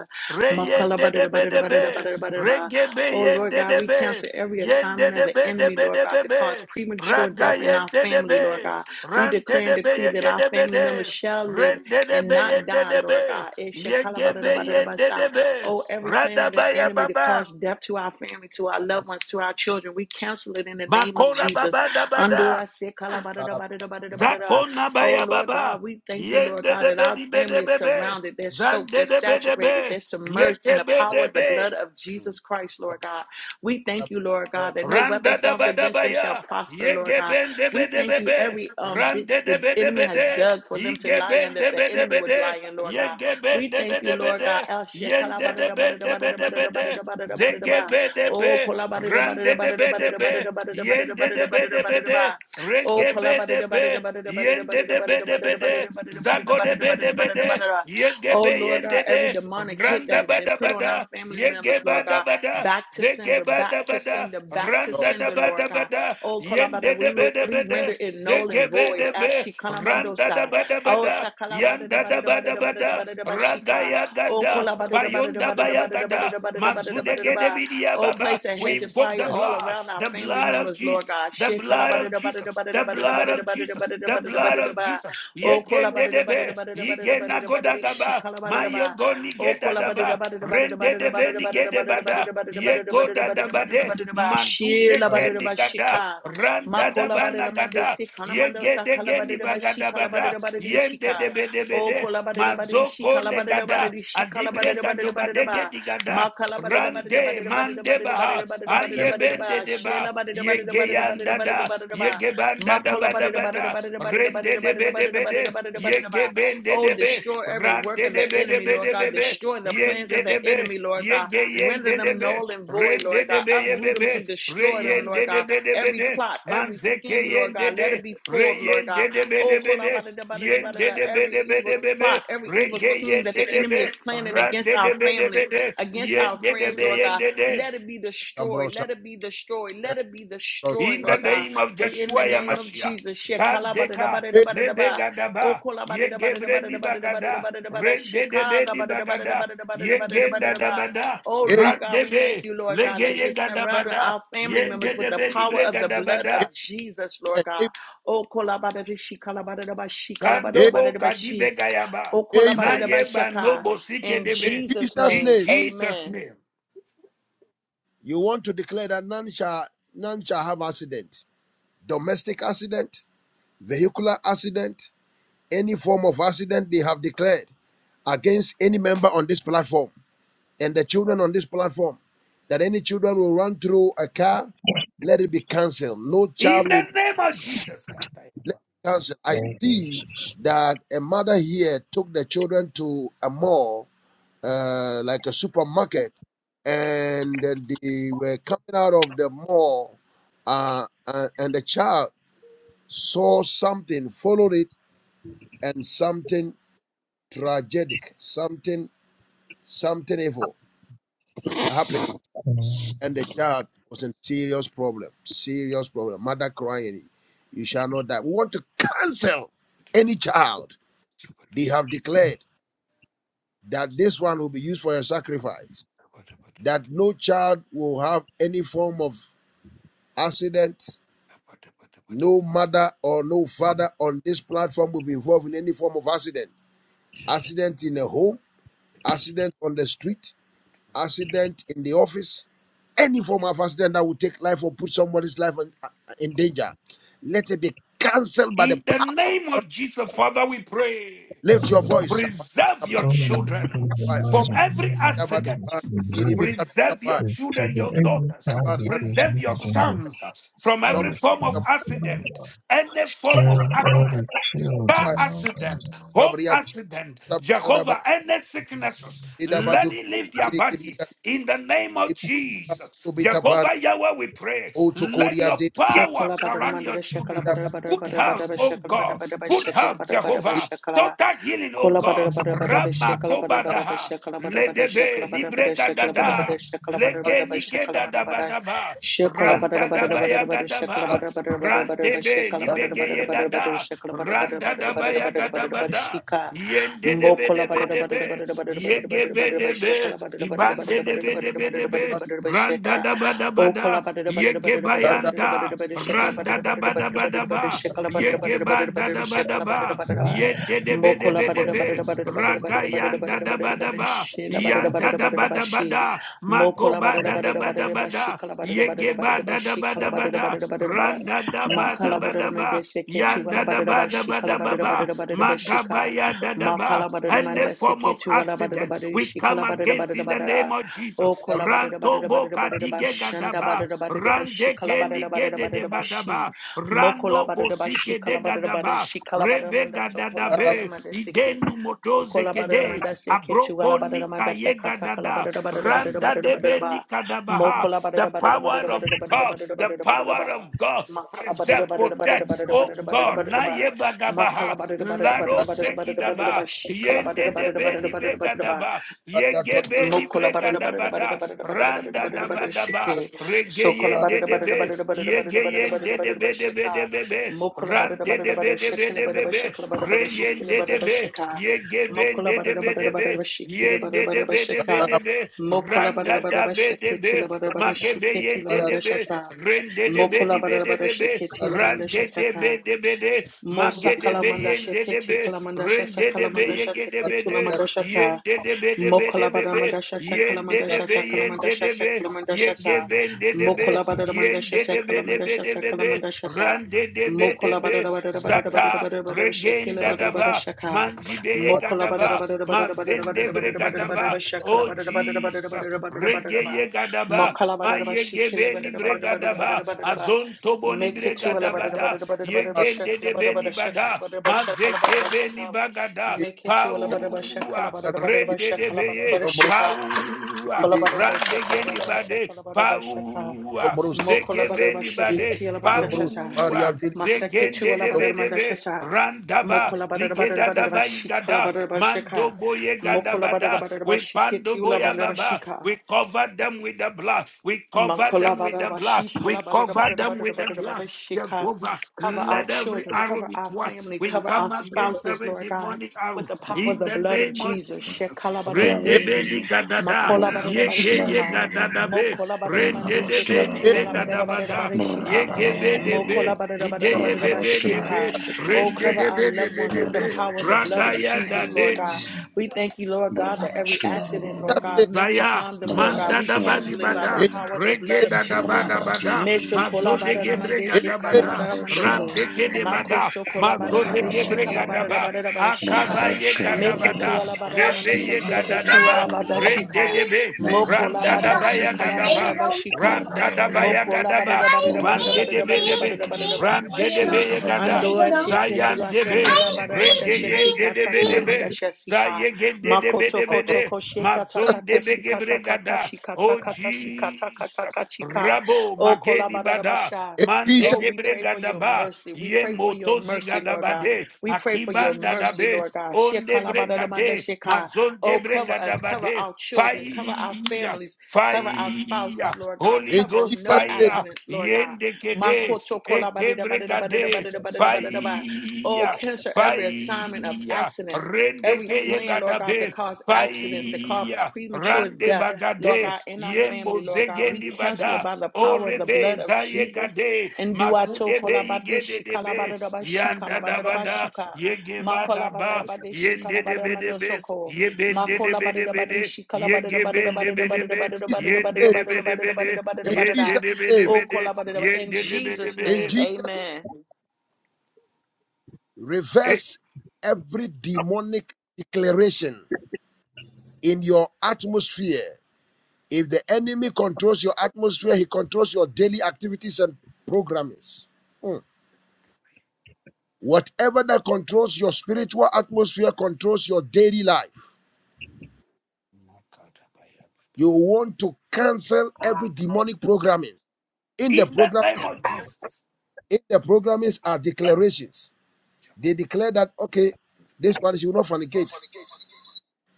makala
Reyende
bada
de
da
be
bada da
de
bada da
be.
bada da bada da ba.
Regebe
Oh Lord
yende
God, we
debe,
cancel every
yende
assignment of the
debe
enemy,
debe
Lord God,
debe
to cause
be,
premature
raga
death in our
yende
family, Lord
debe,
God. We
rante
declare and
debe
decree that
yege
our
debe
family members
de,
shall live
rende
and
debe
not
yende
die, Lord
debe,
God. It shall call about it,
yegebe
about it, about
yende
side.
debe,
Oh, every plan
rada
of the
baya
enemy to
baba,
cause death to our family, to our loved ones, to our children, we cancel it in the name of
makora
Jesus.
baba da
Ando
bada,
ase kalabadada badada badada badada. badada.
zakona
Oh
baya
Lord
baba,
God, we thank you, Lord
yende
God, that
debe
our
debe
family is
debe be,
surrounded. They're soaked,
zande
they're
debe
saturated,
debe,
they're submerged in the
yegebe
power of the blood
debe,
of Jesus Christ, Lord God. We thank you, Lord God, that no weapon
Randa da
formed
ba da
against
ba
them shall
ya,
prosper,
ye
Lord God.
geben de be
We
de
thank
be
you
be,
every um
randa
ditch
de
the
be de
enemy
be
has
de,
dug for them
ye
to lie in,
geben
that
de
the
be de
enemy
be
would lie
de,
in, Lord
ye
God.
geben
We
de be
thank you,
de be
Lord God.
de,
El
yen de de
Shekalabadada
be
badada
de be
badada badada
de be
badada badada
de,
badada
ze
badada. badada.
gebe de
Oh,
be,
kolabada bada bada
randa de
bada
be
bada
de
bada
be,
bada bada
yen de
bada
de be
bada
de be
bada
de,
bada.
re
Oh,
gebe
kolabada
de
bada bada
be,
bada bada
yen de
bada
de be de be
bada
de,
bada
zago de be de
bada
be
bada
de,
bada.
ye
Oh,
gebe
Lord
yen
God,
de
every
de,
demonic hit that
randa
has
ba
been
da
put
ba
on our
da,
family
ye
members,
geba
Lord
da
God,
ba da,
back to
ze
sender,
geba
back
da
to
ba da.
sender, back to
Randa da
sender,
ba
Lord
da ba
God.
da,
Oh, kolabada,
yende
we
da ba
re-
da ba
we
da,
render it null and
zege be
void.
de be,
Ashi
randa da
kanamandosa.
ba da ba
Oh,
da,
takalabada
yanda da
bada bada
ba
bada
da
bada
ba
bada
da.
bada bada shika. Oh,
Ragayagada,
kola
Payonda Bayagada, Mazudegedebidia
Oh,
Baba.
place a
We
hedge of
invoke
fire
the
all
blood,
around our
the
family
blood of
members, Lord
Jesus.
God.
The
Shit,
blood of Jesus, the blood of Jesus, the blood of Jesus.
Oh, kola ba
Yegende debe, yigena godagaba, mayo goni
Oh, kola ba da da
gedadaba,
ba da da ba da da
rende debe ni gedebada, yegoda dabade, manduze kendi gada,
shika. Ma
randa
kola ba da da
dabana
ma de
gada,
si
yegede geni bagadabada, yende debe debe
she calabada,
mazoko nde gada
she
adibre gado badege gadobadege digada rande mande baha
calabada,
ayebende
Makalabadidabadidabadidabadidabadidabadidabadidabadidabadidabadidabadidaba.
deba yegeyandada
Shelabadidabadidabadidabadidabadidabadidabadidabadidaba.
yegebanda yege daba da yege banda da bada bada rende debe debe de be de
Makalabadidabadidabadidabadidabadidabadidabadidabadidabadidaba.
yege bende
Oh,
de be yegebende debe
destroy every work
rande
of the
debe
enemy,
debe debe be
Lord
de
God.
be
Destroy the
be
plans of the enemy, Lord God. Render
yende debe de
them
be
null and void,
rende
Lord God.
debe
Uproot them and
yebebe
destroy them, Lord
reyende
God.
debe debe de be de be
Every
de
plot, every
manzeke
scheme, Lord
yende
God. Let it
de
be foiled, Lord God.
reyende debe
Oh,
debe Yende de be
Every
de be
evil
de be
plot,
be,
every evil
rege
scheme that
yende
the
de
enemy
be,
is planning against
rande de
our
be de
families,
be de,
against our
yende de
friends,
be
Lord God,
yende de.
let it be destroyed. Let it be destroyed. Let it be destroyed,
In the
Lord God.
name of
We in the
Joshua
name of
Yamashia,
Jesus.
Kandeka, Nebegadaba, Yegebre Nibagada, Rende de be Nibagada, Yegenda Dabada,
Oh, Lord God, we thank
Randebe,
you, Lord God,
Lege
that you're surrounding
Yegadabada,
our family members
Yende
with
de
the
be
power of the blood
Nibregadabada,
of Jesus, Lord God. Oh, kolabadadashi, kalabadadabashi,
Kandobo
kalabadadabadadabashi.
Kadibegayaba,
Oh,
Amen.
Nayeba
kolabadadabashaka.
Nobo Sike
In
de
In
be.
Jesus'
Jesus'
In
name,
name,
Jesus'
amen.
name.
you want to declare that none shall none shall have accident, domestic accident, vehicular accident, any form of accident they have declared. against any member on this platform and the children on this platform that any children will run through a car, let it be canceled. No
In
child
the
will
name of Jesus.
let it be canceled. I
observe
see that a mother here took the children to a mall, uh, like a supermarket, and then they were coming out of the mall, uh, and, and the child saw something, followed it, and something tragic, something, something evil happened and the child was in serious problem, serious problem. Mother crying, you shall not die. We want to cancel any child. They have declared that this one will be used for a sacrifice, that no child will have any form of accident, no mother or no father on this platform will be involved in any form of accident. Accident in a home, accident on the street, accident in the office, any form of accident that would take life or put somebody's life in, uh, in danger, let it be cancelled by the
In the
power. of-
name of Jesus, Father, we pray.
Lift your voice.
Preserve your children from every accident. Preserve your
is to
children,
the
your
every
daughters.
child the person
Preserve your
who
sons from every form of
understands
accident,
the
any form of
and all
accident,
the children
car
of God.
accident, home accident, Jehovah, any sicknesses. Let it leave their body in the name of Jesus. Jehovah Yahweh, we pray.
Oh,
Let your power
Sokola badada
surround your
mandada shakala
children.
badada badada
Good
badada badada
health,
ba
oh
shakala badada
God.
badada ba
Good
shakala
health,
badada badada ba
Jehovah.
shakala
Total healing, oh
kola
God.
badada badada badada ba
Rama
shakala badada badada ba
kobadaha.
shakala
Ledebe
badada
libre
badada shakala badada
gadada.
badada
Leke nige
shakala badada badada
dadabadaba.
shakala badada badada
Randadabaya
ba shakala badada badada shakala
gadaba.
badada badada
Randebe libegeye
badada badada
dada.
shakala badada
Randadabaya
badada badada badada ba shakala badada badada badada badada shakala badada badada badada badada badada badada ba
gadabada.
shika
Yende debe
mokola
debe
badada badada
debe.
badada badada badada
Yegebe
badada ba
debe.
shakala badada badada
Ibande
badada badada
debe
badada
debe
badada
debe.
badada ba shika O
Randadabadabada.
kola badada badada badada badada badada
Yegebayanda,
badada badada shakala
Randa
badada
da
badada
ba da
badada
ba da
badada badada
ba,
shakala badada badada badada
Yegebanda
badada
da ba da
shakala badada
ba,
badada
Yende de
mo
be de
kola
be de
badada
be,
badada badada badada badada badada
Ragayanda da ba
badada badada
da
badada
ba,
shila badada
Yanda
badada
da
badada
ba da ba
bashi
da,
mo kola
Magoba
badada
da da
badada
ba da
badada
ba
bashi
da,
kala badada badada badada
Yegeba da da
bashi
ba
kala
da ba
badada
da,
badada badada badada
Randa da ba da
makala
ba
badada
da
mende
ba,
seke tu kala
Yanda da
badada
ba da
bashi
ba
kala
da ba
badada
ba,
badada badada bashi ka
Magabaya da da ba,
makala badada
any
mende
form
seke
of
tu kala badada
accident,
badada
we
shi
come
kala badada
against
badada
in the name
badada
name of Jesus.
O kola ba da da ba da
Ranto
da ba da da ba
boka
da da ba
dige
shanda ba
gadaba.
da ba da da ba shi
Rande
kala ba da
kendi
ba da ba
gede
da
de
da ba shi
badaba.
moko la
Rando
ba da da ba shi
bosike de
kala ba da ba da
gadaba.
shi kala ba da da
Rebe
manda so kola ba da da
gadadabe.
manda seke
Idenu
o
motoze
kola ba da da
kede.
manda seke chugala
Abroko
ba da da
nika
manda se
ye
kata kala ba
gadada.
da da ba da da ba da da ba
Randa
da da ba da da
debe
ba
nika
moko
dabaha.
la ba da
The
ba da ba da
power
ba da
of
ba
God.
da ba
The
da ba da ba da da
power
ba
of God.
makala ba da da
Preserve,
ba da da ba da ba
protect.
da ba
Oh
da ba da
God,
ba da da
na
ba makala
yebagabaha.
ba da da ba da da ba da da
Laro
ba da da ba da ba da da ba
sekidaba.
shi kala ba da
Yende
ba da
de
ba da
beni
ba da ba da ba
begadaba. Yege beni
Mokola
In
barada barada barada
bregadabada.
barada barada barada
Randa
barada barada
daba daba.
shike.
Rege
Sokola
yende
barada
de
barada
be.
barada barada
Yege
barada barada barada
yende de
barada barada
be de be de
shika.
be be,
Mokola
ran
barada
de
barada
de be
barada
de be
shikila
de
barada
be be, re
barada
yen
shikila
de
barada
de be,
barada
ye ge ben de de be de be,
shikila
yen de
barada
de
barada
be de be
shika.
de be, ran
Mokola
da
barada barada barada
da
barada
be de be,
shikila barada barada
ma
barada
ge be
shika. Mokola barada barada barada
yen
shiketi la barada barada shiketi la
de de be,
mandasha sa.
ren de de be
Mokola
di be
barada
de
barada
be be,
shiketi la
ran de
mandasha
de be
saka.
de be de,
Mosa
Magede be
kalamanda
yende de
sheketi
be,
kalamanda shasa
rende de be
kalamanda shasa
yegede be
keti
de,
lamanda shasa.
yende de be de be de
Mokola
be be,
Badamanda Shasa Kalamanda
yende de be
Shasa Kalamanda
yende de
Shasa
be,
Kalamanda
yege
Shasa
bende de be,
Mokola Badamanda
yende
Shasa
de be de
Kalamanda
be de
Shasa
be be,
Kalamanda Shasa
rande de be de
Mokola
be,
Badada Badada Badada Badada
zata,
Badada Badada Shakila
regenda da
Badada Badada
ba,
Shaka
mandi be yega
Mokola Badada
ba,
Badada Badada Badada
mazende
Badada
brega
Badada Badada
ba,
Badada Shakala
oh
Badada Badada Badada
Jesus,
Badada Badada
rege
Badada Ba
yega ba,
Mokala Badada Bashikila
Mayegebeni
Badada Badada Badada
bregadaba,
Badada Badada Ba
azon toboni
Make it to a Badada
bregadabada,
Badada Badada Badada
Yegende
Shakala
de
Badada
beni
Badada Shakala
bada,
Badada Badada Shakala
mazeke
Badada
beni
Shakala
bagada,
Make it to Alabadabasha,
paua, rende
Calabadabadabasha,
de beye,
Calabadabashika,
paua, rande geni
Colabadabasha,
bade,
Calabadabasha, Calabadabashaka,
paua, zege beni
Mokolabadabasha,
bade,
Kitty Alabandashasa,
paua,
Masakitu
zegende de bedebe,
Alabadamandashasa,
randaba, ligeda daba
Mokolabadabadabadabashika,
igada, mando
Calabadabashika,
boye gada bada, we
Mokolabadabadabashi,
pando
Kitty
boya baba,
Ulabandabashika,
we cover them with the blood, we cover them with the blood,
Makolabadarabashi,
we cover them with the blood.
kalabadarabadarabadarabadarabadashika.
Jehovah,
Cover our
let every
children,
arrow
cover
be
our
twice.
family,
We
cover our
come against
spouses,
every
Lord God,
demonic
with
arrow
the power of
in
the
the
blood of
name of
Jesus.
Jesus.
Shekala badada
Bravo,
Rende
madesi,
beni gadada,
Makola badada badada
yege ye
shika.
gadada be,
Mokola badada
rende de
madesi, Shekalabadamadesi, makolabadarabarishika,
beni be
mokolabadaramadesi,
gadabada,
ketualabadarabadarabadashika.
yege be de be,
Mokola
ide ye be be de
Mokolabadadabadadabadadabashika.
be,
Oh,
rende
cover
de
our
be de
loved
be
ones
de
with the
be,
power of the blood of
ragaya da
Jesus, Lord
de.
God. We thank you, Lord God, that every accident, Lord God, meant to
Zaya
harm them, Lord God,
manda
we
da bani
cancel it by the
bada
power of the blood
rege
of
da da
Jesus.
bada bada
Mesokola
mazo de
badada mande
gebrega da
shikala
bada
badada
ram
mandoso.
de ke de bada
makoso kola
mazo
badada
de
bashikala
gebrega da
badada
ba
badada
one, one, one, one. One, one, one, one. One, one, one, one. One, one, one,
bashika.
akaba ye ga da
make it to
bada
ala badada
rebe
mandasha
ye ga
seke
da
to Mesokolabadadamandeshikalabadadamandoso.
da ba
Makosokolabadadabeshikalabadadabadadabadashika. Meketualabadadamandashaseke
rende
tuabadashika.
de be ran da da ba ya ga da ba
Mokolabadashikalabadabashika.
ran da da ba ya ga
Mokola
da ba
badada badada
ran
badada
de de
badada
be de
badada badada
be
badada badada
ran de de be
mashi.
ye ga da
Andoa
one.
tekendi
zayan de
One,
be
asokola badada badada
rege
one,
yen
shesi
de de
kata
be
one,
de
one.
kalamanda
be
shesi ka.
zaye gen de de be
Makoto
de be de
koto ko shekata kata
Mazonde
shikata kata
begebregada.
shikata
Oh
kata shikata kata
Jesus.
kachika.
Rabo
O kola
magedi
badada
bada.
basha.
Mante
Jesus,
Oh, we pray for
gebregada
your
ba.
mercy. We
Ye
pray for your
motozi
mercy,
gada
Lord God.
bade.
We pray for your
Akibanda
mercy,
dabe.
Lord God.
Onde
Shekala badada manda
bregade.
sheka. Oh,
Mazonde
cover us,
bregada
cover
bade.
our children, cover our
Fire.
families, cover our spouses,
Fire.
Lord God.
Holy
in
Cover us,
Ghost
Jesus'
no
name,
fire.
accidents, Lord God.
Yende kede. Ekebregade.
Oh,
Fire.
cancel every assignment of
Fire,
accidents,
rende ke
every
keye
plan, Lord God,
gadabe,
to cause accidents, to cause
fire,
premature
rande
death,
bagade,
Lord God, in our
ye
family, Lord God. We
mozegendi
cancel
bada,
it by the power of the
orebe
blood of
zaye
Jesus.
gade,
And do I talk
makudebe
about this?
igede
shi kala
debe,
badida ba shi kala
yanda
badida ba
dabada,
shuka.
ye
Ma
gebada
kola
ba,
badida ba
yende debe
mando
debe,
soko.
ye bende
Makola
debe
badada
debe de,
badishi kala
ye
badada badada
gebende
badada
debe
badada
debe,
badada badada badada
yende debe
badada
debe
badada
de,
badada badada
in Jesus' name, in
badada.
yende
Jesus'
debe
name,
debe
Oh,
de,
kola badada. In
yende debe
Jesus'
debe
in
name,
de,
Jesus,
amen.
eh.
reverse every demonic declaration in your atmosphere. If the enemy controls your atmosphere, he controls your daily activities and programmings. Mm. Whatever that controls your spiritual atmosphere controls your daily life. You want to cancel every demonic programming. In the
in the name
programmings,
of Jesus.
in the programmings are declarations. They declare that okay, this one you will not fornicate.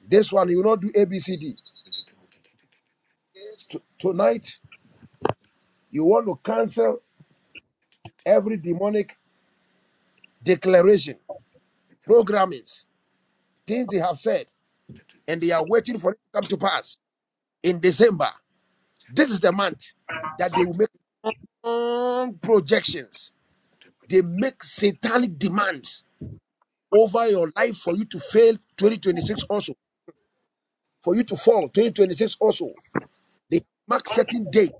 This one you will not do ABCD. tonight you want to cancel every demonic declaration programmings things they have said, and they are waiting for it to come to pass in December. This is the month that they will make strong projections. They make satanic demands over your life for you to fail 2026 also, for you to fall 2026 also. They mark certain dates,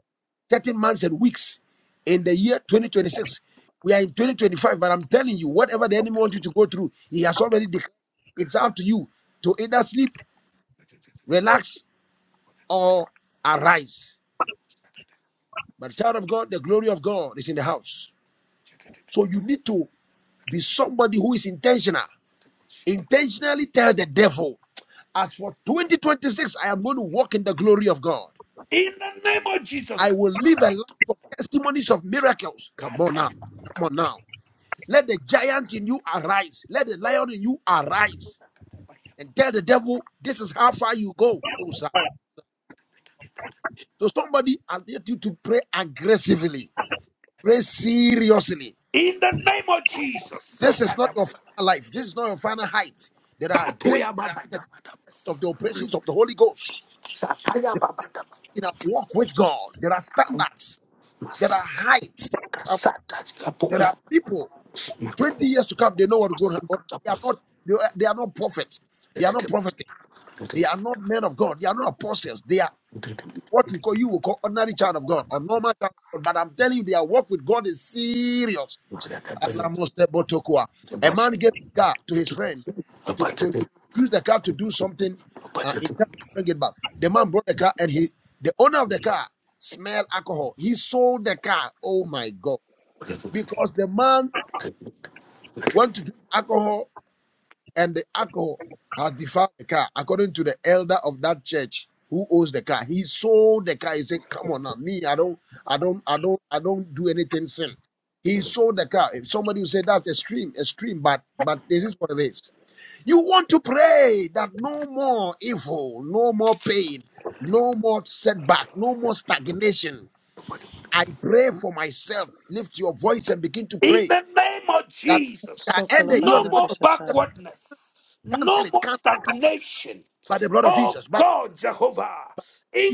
certain months and weeks in the year 2026. We are in 2025, but I'm telling you, whatever the enemy wants you to go through, he has already declared. It's up to you to either sleep, relax, or arise. But child of God, the glory of God is in the house. So you need to be somebody who is intentional. Intentionally tell the devil, as for 2026, I am going to walk in the glory of God.
In the name of Jesus.
I will live a life of testimonies of miracles. Come on now.
In
Come on now. Let the giant in you arise. Let the lion in you arise. And tell the devil, this is how far you go. Oh, sir. So somebody, I need you to pray aggressively. Pray seriously
the name of Jesus.
This is not your final life. This is not your final height. There are great of the operations of the Holy Ghost in our walk with God. There are standards. There are heights. There are people. Twenty years to come, they know what going. They are not. They are they are not prophets. They are not prophets. They are not men of God. They are not apostles. They are what we call you will call ordinary child of God or normal child of God. But I'm telling you, their walk with God is serious
In
Alamosebotokwa. A man gave a car to his friend to, to, to use the car to do something uh, in time to bring it back. The man brought the car and he, the owner of the car, smelled alcohol. He sold the car. Oh my God. Because the man went to drink alcohol and the alcohol has defiled the car, according to the elder of that church who owns the car. He sold the car. He said, Come on now, me, I don't, I don't, I don't, I don't do anything sin. He sold the car. If somebody will say that's extreme, extreme, but but this is what it is. You want to pray that no more evil, no more pain, no more setback, no more stagnation. I pray for myself. Lift your voice and begin to pray
the name of
that you
Jesus,
shall
So
end
kola
the year
badada
on
no
the note
more
of
madasha sa.
cancel
backwardness,
it, cancel
no more
it,
stagnation.
by the blood of
Oh
Jesus, by the
God, Jehovah,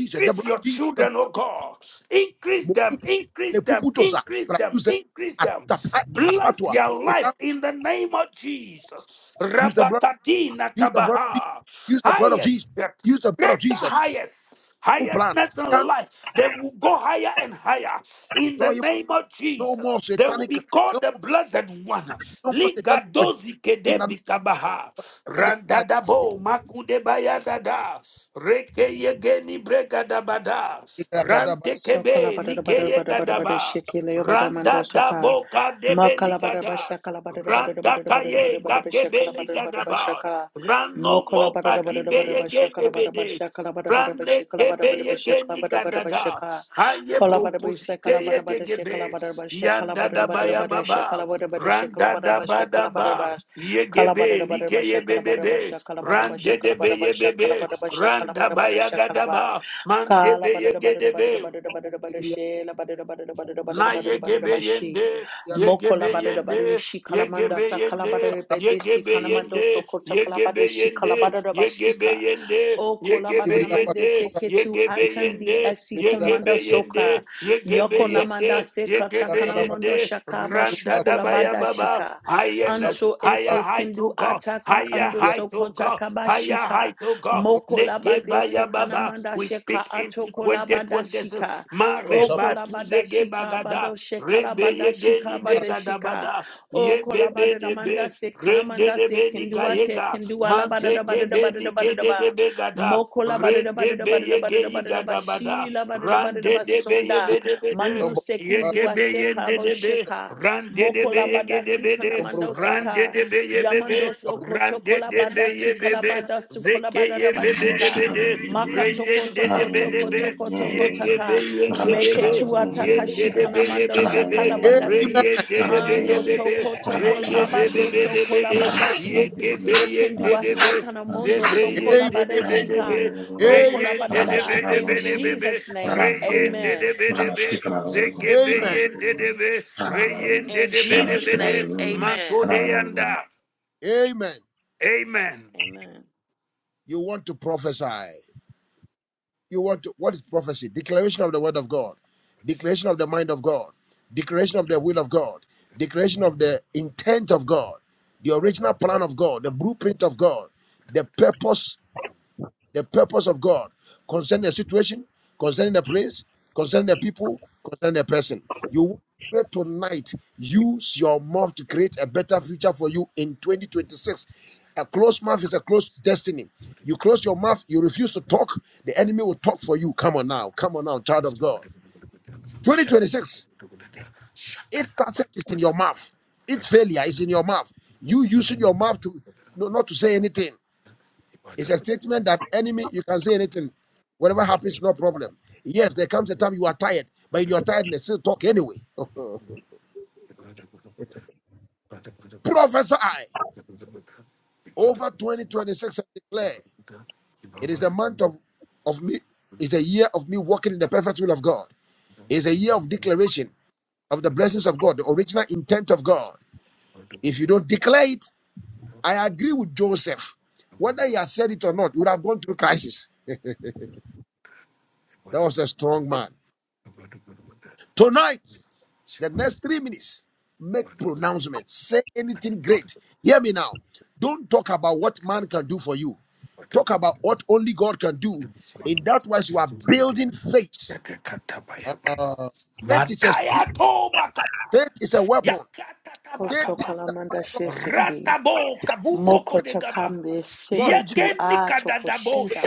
Jesus, the blood
your
of Jesus, the blood
children, oh God. Increase them,
Mokupu,
increase them,
Lepuputosa,
increase them,
Pradusa,
increase them.
Anita Pa-
Bless
Pakatua,
their
Enough.
life in the name of Jesus.
Use the blood,
Rabakadina
use the blood of Jesus,
kabaha.
use the blood of Jesus,
Highest depth,
use the blood of
greater
Jesus.
highest,
Who plan?
highestness in
Can't
life. They. will will go higher and higher. In
destroy
the
you.
name of
No more
Jesus, they will
satanic,
be called
no
the
more,
Blessed One.
no more satanic project.
Ligadozi
In the name
kedebi kabaha.
of
Randadabo makudebaya dada. Reke yegeni bregadabada. Rante
Sokola
kebe
badada badada
nigeye
badada badada badada
gadaba.
shekele yo badada mando soka.
Randadabo kadebe
Makala badada
nigada.
basha kala badada badada
Ranta
badada badada badada
kaye
badada basha
kakebe
kala badada badada basha
nigadaba.
kala.
Rano
Mokola
moka
badada badada badada
dibeye
basha kala badada
gedebede.
basha kala badada badada
Rande kebe
basha kala
yegeni
badada badada basha kala badada badada
gadada.
basha kala.
Haye
Kola badada basha
brokosike
kala
ye
badada badada she kala
gegebe.
badada basha kala
Yanda da
badada
ba
badada
ya
badada she kala
baba.
badada badada she kala
Randa
badada
da ba
basha
da
kala badada
ba.
bas.
Ye
Kala badada
gebe like
badada
ye
basha kala badada
bebebe.
basha kala badada basha
Rande de
kala
be
badada
ye
basha kala
bebe.
badada basha kala
Randa
badada
ba
badada
ya
she kala
gadaba. Mande
Kala
be ye
badada badada badada
gedebe.
badada badada badada she la badada badada badada badada
Na
badada badada ba she
yegebeyende,
moko la badada badada
yegebeyende,
she kala manda sa kala
yegebeyende,
badada bede si kala mando so
yegebeyende,
kota kala badada she kala
yegebeyende,
badada ba she
yegebeyende,
o kola badada mande
yegebeyende,
se ke tu atandi
yegebeyende,
asi
the
komanda soka
yegebeyende,
yoko namanda
yegebeyende,
se kata kana mando
yegebeyende,
shakaba
randa da
shukola
baya
badada
baba,
shika
higher,
anto
higher
ese
height
kendu
to God,
ataka
higher
ando
height
so
to
kota
God,
kaba
higher height to God,
Mokolabade
negebaya baba,
Sikanamanda
we
Sheka
speak into
Atokolabada
2026
Shika.
ma
O
reba
kolabada
tuzege
shika
bagada
bado shekala
rebe
bada
yege
shika
ni
bada
begada
shika.
bada
O
ye
kolabada
bebe de
namanda
be
se
rende
kanamanda
de
se
be ni
kendua te
gayega
kendua
ma
labada bada
zege
da bada da bada da
ni
bada da
gede de
ba.
begada
Moko la bada da bada
rende
da
be
bada da bada
yege
da bada da ba.
igada
She
bada
la bada da bada da
rande
ba
de be ye
sunda.
be de be de
Mandu se
yege
kendua
be
se
yende
kalabo
de be
sheka. Moko bada si
uh,
kanamanda saka.
ye be be
Yamando
Amen.
soko chokola
de be
bada
ye be
shikala
be
bada sukola
zeke
bada
ye
daba
be be
Rabashka
shika.
de
Maka toko toko toko toko toko taka. Meke tua shikana mando shakala bada si. Ando soko toko abato sokola bada si. Lekendua sakana mondo sokola
Amen.
bada shika.
Amen.
Okola bada sha. In Jesus' name, amen.
Amen.
In Jesus' name, amen.
Amen.
Amen.
Amen.
You want to prophesy. You want to what is prophecy? Declaration of the word of God, declaration of the mind of God, declaration of the will of God, declaration of the intent of God, the original plan of God, the blueprint of God, the purpose the purpose of God concerning the situation, concerning the place, concerning the people, concerning the person. You want to pray tonight, use your mouth to create a better future for you in 2026. A closed mouth is a closed destiny. You close your mouth, you refuse to talk, the enemy will talk for you. Come on now, come on now, child of God. 2026, its success is in your mouth, its failure is in your mouth. You using your mouth to no, not to say anything. It's a statement that enemy, you can say anything. Whatever happens, no problem. Yes, there comes a time you are tired, but in your tiredness, still talk anyway. Prophesy over 2026 and declare it is the month of, of me, it's the year of me walking in the perfect will of God. It's a year of declaration of the blessings of God, the original intent of God. If you don't declare it, I agree with Joseph. Whether he has said it or not, he would have gone through crisis. That was a strong man. Tonight, the next three minutes, make pronouncements. Say anything great. Hear me now. Don't talk about what man can do for you. Talk about what only God can do. In that wise, you are building faith. Uh, faith is a
Mataya
shield.
toba kata
Faith is a weapon.
yakata
Say things
tabakaba
Osokola
that
manda
God can do.
sheseki.
Ratabo kabundo
Moko
kodegaba.
tokambe
God will be
seketu
Yegeni
a
kadadabo
tokoshinda.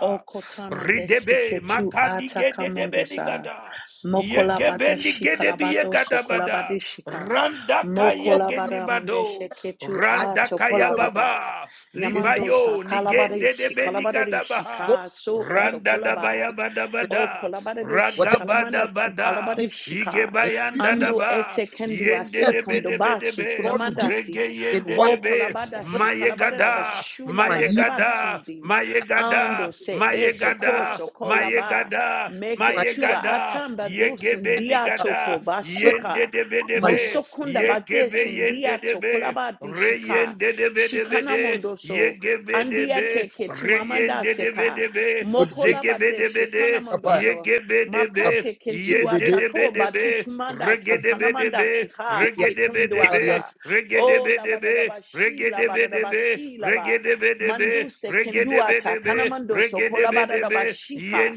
O kotamande
Ridebe
seke tu
makadi
ata
gedebe
kamondosa.
nigada. Yegebe
Mokolabada
nigedebe
shikalabado
yegadabada.
sokolabade shika.
Randaka
open.
yegeni
Mokolabada mande
bado.
seke tu
I
ato
Randaka
prophesy over
kolabada.
yababa.
in 12,
Yamando sa
Libayo
kalabade
nigendebe
shikalabade
God
nigadabaha.
shika so
will make
sokolaba.
Randadabaya
it in 20,
O
badabada.
kolabada de
whatever
shikalamanda si
Ragabadabada.
kalabada
year,
shika.
in 50
Ando
years,
ese kendo
30
ase
debe
years,
kondo
debe
basu
debe
God will give
kunamanda si.
it in
regeyende
one.
O
debe,
kolabada
20.
shikalabada
mayegada,
It's
rabashula
my
bada
year.
mayegada,
rabasundi.
mayegada,
Ando se eso
mayegada,
koso kolaba
mayegada,
meke
My year.
tua
mayegada,
atamba dusin
yegebe
dia toko
nigada, yende
bashika
debe
My
debe,
mosokunda
yegebe
batesin
yende
dia
debe,
tokolaba di shika
reyende debe debe
shikana
de,
mondoso
yegebe
andia
debe,
teke tuamanda
reyende debe
seka
debe,
20.
mokola
zegebe
bade
debe
shikana
de,
My
mondoso
yegebe
of
debe
makate kentu atako batu
Yendedebedebe,
kumanda sikana manda
regedebedebe,
sika
regedebedebe,
sikunduasa o
regedebedebe,
labadadabashi bashi, labada
regedebedebe,
bashi laba
regedebedebe,
Manduse kenduata
regedebedebe,
kanamandoso kolabada da
regedebedebe,
bashika,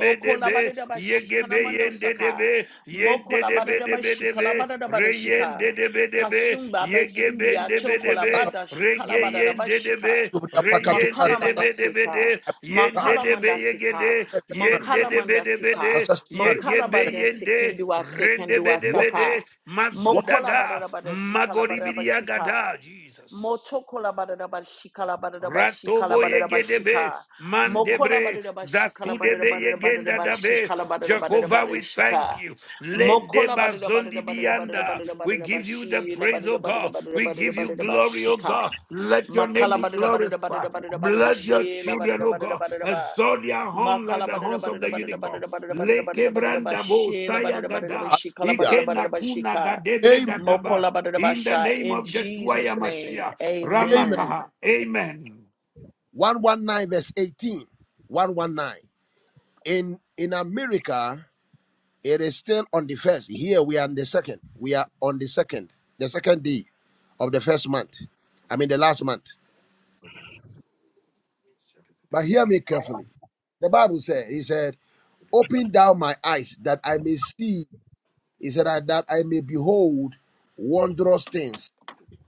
O
yegebe
kolabadadabashikanamandosaka.
yendedebe,
Mo kolabada da bashika,
yendedebedebedebe, yen
kolabadadabashikalabadadabashika.
de de be de be,
Pasumba
ye ge
besimbi
de be
ato
de be,
kolabada
re
shikalabada da
yen de de be,
bashika,
re yen de
Makana
de be de be de,
mandasika,
yen de
makala
de be ye ge
mandasika,
perfect
yen
marriage,
de
mankala
de be de be de,
mandasika,
successful
ye
marriage,
ge
mankala
yen de,
bandesikindua
ren de be
sekendua
de be
what
de,
saka,
what
mokola
mazudaga,
badabada shikala
magori biriagada,
badabashika,
Jesus.
Motokola badada bashikala badada bashikala
Ratobo
badada
yegedebe,
bashika. Mokola
mandebre,
badada bashikala badada
zatudebe
badada badada
yegenda dabe.
bashikala badada badada
Jehovah,
badada
we thank
shika.
you. Lende
Mokola badada badada
bazondi
badada badada
bianda.
badada
We
badada
give you the
bashila
praise,
badada
O
badada
God.
badada
We
badada
give you
badada
glory, O
bashika.
God. Let your name
Makala
be
badada badada
glorified.
badada badada badada
Bless your
shila
children,
badada
O
badada
God.
badada ba.
Exalt their horn like
Makala
the
badada
horns of
badada
the
badada
unicorn.
badada badada badada badada
Leke
badada
brandabo
bashila
saya
badada badada
gada.
bashikala
hallelujah.
badada
Ike
badada
nakuna
bashika.
gadebre
Amen.
gadaba. In the
Mokolabadabasha.
name
In
of Joshua
Jesus'
Yamashia.
name,
Amen.
amen.
Ramakaha. Amen.
119 verse 18. 119. In in America, it is still on the first. Here we are on the second. We are on the second, the second day of the first month. I mean the last month. But hear me carefully. The Bible said, He said, Open thou my eyes that I may see He said, "I- That I may behold wondrous things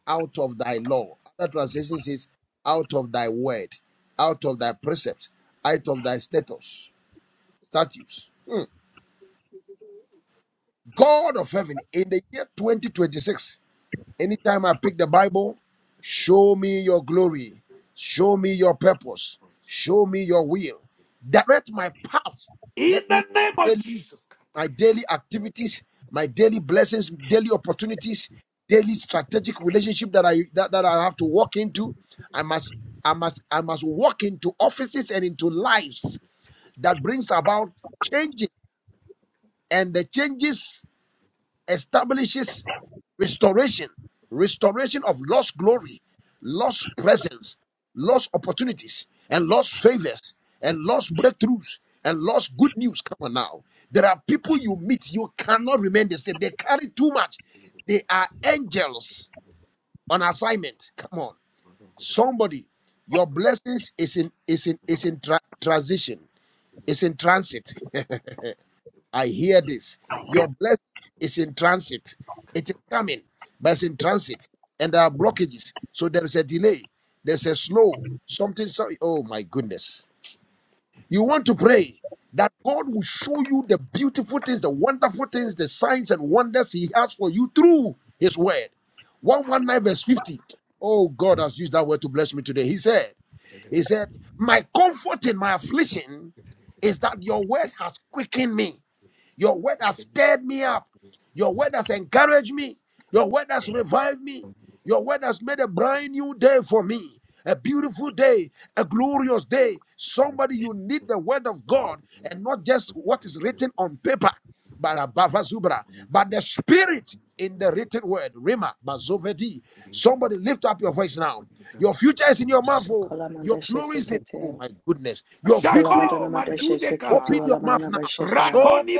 out of thy law. Other translation says, Out of thy word, out of thy precepts, out of thy status, statutes. Hmm. God of heaven, in the year 2026, anytime I pick the Bible, show me your glory, show me your purpose, show me your will, direct my path.
In
Let
the
me
name
know
of Jesus.
my daily activities, my daily blessings, daily opportunities, daily strategic relationship that I that, that I have to walk into. I must I must I must walk into offices and into lives that brings about changes. And the changes establishes restoration, restoration of lost glory, lost presence, lost opportunities, and lost favors, and lost breakthroughs, and lost good news. Come on now. There are people you meet, you cannot remain the same. They carry too much. They are angels on assignment. Come on. Somebody, your blessings is in is in is in tra- transition, is in transit. I hear this. Your blessing is in transit. It is coming, but it's in transit. And there are blockages. So there is a delay. There's a slow. Something, so, oh my goodness. You want to pray that God will show you the beautiful things, the wonderful things, the signs and wonders He has for you through His word. 119 verse 50. Oh, God has used that word to bless me today. He said, He said, My comfort in my affliction is that your word has quickened me. Your word has stirred me up. Your word has encouraged me. Your word has revived me. Your word has made a brand new day for me. A beautiful day, a glorious day. Somebody, you need the word of God and not just what is written on paper, but above Zubra, but the spirit in the written word. Rima, Mazovedi. Somebody lift up your voice now. Your future is in your mouth. Oh. Your glory is in, oh
Sokolamadeshesekete.
my goodness. Your victory
Shako
Kolabadanamadeshesekete
Open
madudekaha.
your mouth now.
walamanabashesa.
Show
Rakoni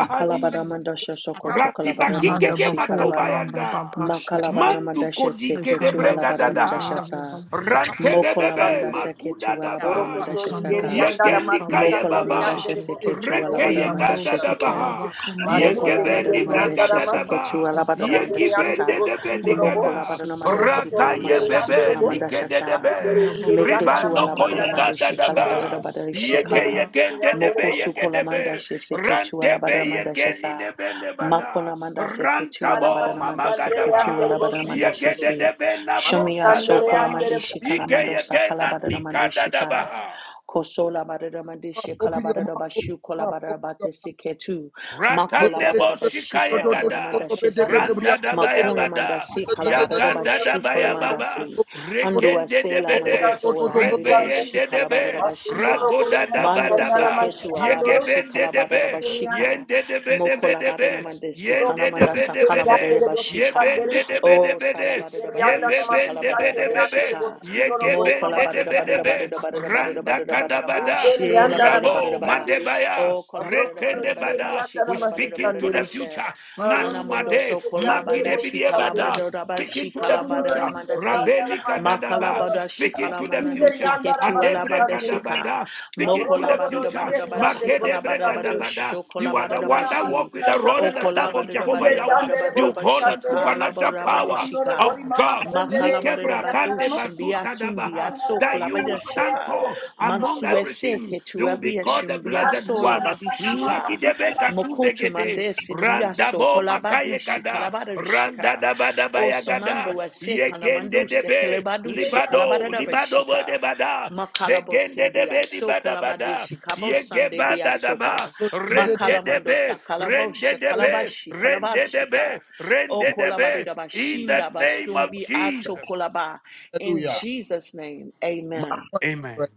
me your mind.
sokoto
Manda
Ratibakikeke
kolabadamadashi
boko
kalaba.
ramba
matobayanda.
babashite.
Mandu kodike de
Makalabadamadasheseketu
Likando
brega
sutaya
dadaha.
walabadamadashasa.
Rante
babashite.
de debe
Mokolamandaseke
makuda
tu
dabaha.
Likando bosu
Yegendi kaye
Mokola manda
baba.
talabashite.
sheseke tu
Reke
alabada manda
yeka
Iando
sheseke.
sutalaba
dadabaha.
komanda
Mokola
Yegebe
boko
ni
bada manda
ramba
brega
sheseke tu
dadaba.
babashite.
alabada manda
Yegibe de
shisa.
debe
Manda
Mokola
nigada.
bada
bosu
manda
Raka
shikala manda
talabashite.
yebebe
shikala manda
nike de
shasa.
debe.
Manda boko
Meke tu
Ribando
ramba
alabada
koye
manda
babashite.
shikala bada
kadadaba.
bada
Yege
shika.
Likando
yegende debe
Moko sukola
yege
manda sheseke tu
Rantebe
alabada manda
yekeni
shasa.
nebende bada.
Makola manda seke tu alabada
Rantabo
manda seke tu
mamagadaba.
alabada manda
Yegede
shesi.
debe na
Shumia
brosa
sokola
daba.
manda shikala
Ike
manda sakala
yekena
bada manda
nikada
shika.
daba.
Kosola barada mandishe
Open your mouth.
kalabarada
Open
bashu
your mouth.
kolabarada
Open your mouth.
batesi ketu. Makola
Rakande
barada bashi
boshikaye
kalabarada
gada,
mandashesi.
randa da
Makona
bayabada,
mandasi kalabarada
yaganda da
bashu
bayababa,
kolamandasi. Andua
regende de
sela
bede,
mandoso ola bashi
rebeyende de
kalabarada
be,
bashika.
ragoda da
Mando se
badaba,
ketu ala bashi
yegebende de
kalabarada
be,
bashika.
yende de bede
Mokola
bede
barada
be,
mandesi
yende de
kalamandasa
bede bede,
kalabarada bashika.
yebende de bede
O
bede,
salabarada barada shi
yebebende
kalabarada
bede
barada
bebe,
shika. Mo kola
yegebende
ba da
de
da ba da
bede
da ba da
be,
da ba da da ba da da ba
randa
da da ba da da ba.
kadabada,
She la ba da da ba da da
rabo
ba.
madebaya,
Oh, kola ba da da ba da da
rekende
ba da da ba
bada,
she
we
kola ba da da
speak
ba da da
into
ba
the
she.
future.
Ana mondo so
Nanumade,
kola ba da she kola ba
Makidebidiebada.
da da ba
Speak
she
into the
kola ba da da
future.
ma da si.
Rabeni
Ma kola
kadadaba.
ba da she
Speak
kola
into
ma
the
na de se
future.
ke tu ala ba
Adebre
da she ka.
kadabada. Speak
Mo
into
kola
the
ba da da ba da
future.
da ba she kola ba
Makedebre
da ba da
kadabada.
sho kola
You
ba
are
da
the
da ba
one that
she.
walk with the rod
Oh,
and the
kola
staff
ba
of
da da ba da
Jehovah
da ba da
Yahweh.
da ba da da
You
ba
hold
she
on
kola ba
supernatural
da
power
she ka.
of God. Nikebra kande
Makalabaradabadosh,
basuta dabaha.
Biasumbiaso,
That you will stand
Kolabadashika,
tall among everything.
Mansueseke,
You will be called the
Tuabiashum,
blessed
Biaso,
one. Laki
Labadishika,
de beka
Mokotu
gede.
Mandes, in Biaso,
Randabo makaye
Kolabadishi,
gada. Randa
Kalabarashika,
daba daba ya gada.
Osomandu, Ase,
Yegende
Kanamanduse,
debe.
Kelebadushi,
Libado. Libado bo
Kalabarabashika,
de bada.
Makalabos
Zegende
India,
debe di
So
bada bada.
Kolabadishi,
Yege
Kabosande,
bada
Biasoka,
daba. Rende
Makalamandosa,
debe.
Kalabosh,
Rende debe.
Kalabashi,
Rende
shika.
debe.
O
Rende debe.
kolabadidaba
In the
shinda
name of
batsumbi ato
Jesus.
kolaba. In
Hallelujah.
Jesus' name,
My
amen.
final
Amen.
prayer,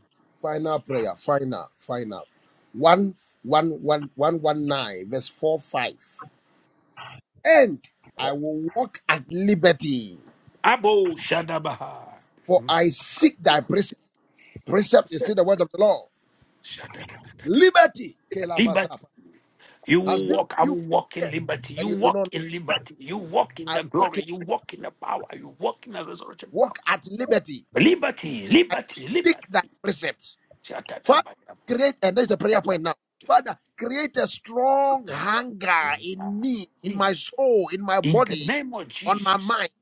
final prayer, final, final. One, one, one, one, one, nine, verse four, five. And I will walk at liberty,
Abo Shadabaha.
for I seek thy precept. Precept is in the word of the law. Liberty, Kelavasap,
You
has
will
been with
walk. I
you
will
for
walk in
years,
liberty. You
and you do not.
walk
know.
in liberty. You walk in
I
the
walk in,
glory. You walk in the power. You walk in the resurrection power.
walk at liberty.
Liberty,
I
liberty,
seek thy
liberty.
precept. Father, create, and that's the prayer point now. Father, create a strong hunger in me, in my
In
soul, in my
the
body,
name of
on my mind,
Jesus.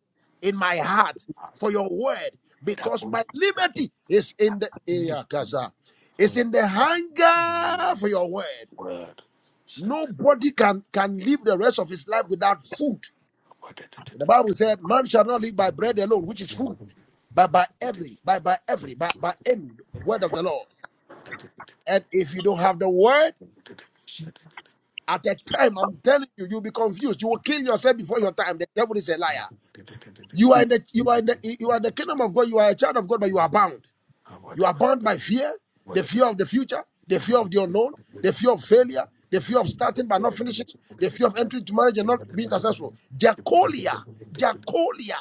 in my heart for your word, because my liberty is in the eh, Kasa, is in the hunger for your word.
Word.
Nobody can can live the rest of his life without food. The Bible said, "Man shall not live by bread alone, which is food, but by every, by by every, by by any word of the Lord."
What did it
And if you don't have the word, At a time, I'm telling you, you'll be confused. You will kill yourself before your time. The devil is a liar. You are in the you are in the you are in the kingdom of God. You are a child of God, but you are bound. You are bound by fear, the fear of the future, the fear of the unknown, the fear of failure, the fear of starting but not finishing, the fear of entering into marriage and not being successful. Jacolia, Jacolia,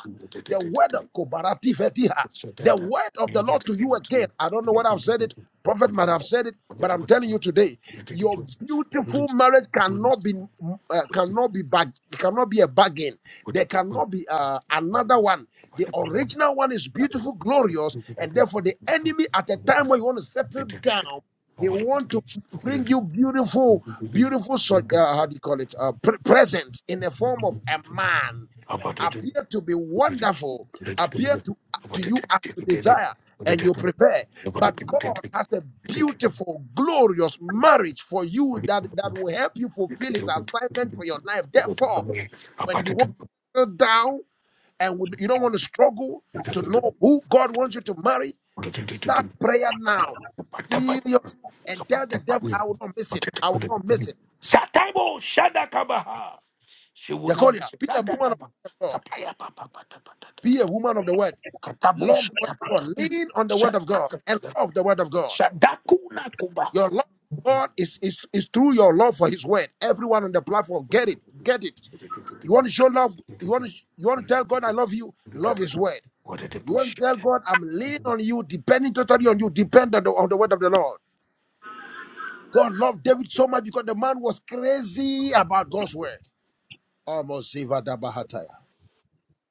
the word of Kobarati Fetiha, the word of the Lord to you again. I don't know what I've said it, prophet might have said it, but I'm telling you today, your beautiful marriage cannot be mm, uh, cannot be bag, cannot be a bargain. There
happen?
cannot be uh, another one
What
the
happened?
original one is
About
beautiful,
it,
glorious, and therefore the enemy at a time when you want to settle down, he want to bring you beautiful, beautiful, so- uh, how do you call it, uh, pre- presents in the form of a man, appear to be wonderful, appear to to
about it,
you as you desire and you prefer. But God has a beautiful, glorious marriage for you that, that will help you fulfill his assignment for your life. Therefore, when you want to settle down, and would- you don't want to struggle to know who God wants you to marry,
about
start
it,
prayer now. Serious. And tell the devil, I will not miss it. I will not miss it.
Sataibo Shadakabaha. She will not
Jacolia,
miss it.
be a woman of
Kadadaba.
the word of God.
Kapaya Baba
Be a woman of the word.
Katabo
Love the word of God.
Shadabata.
Lean on the word of God and
Shadakaba.
love the word of God.
Shadakuna Kuba.
Your love for God is, is, is through your love for his word. Everyone on the platform, get it. Get it. You want to show love. You want to, you want to tell God I love you. Love his word.
What did the
You
bush?
want to tell God, I'm leaning on you, depending totally on you, dependent on the word of the Lord. God loved David so much because the man was crazy about God's word. Almost Zivada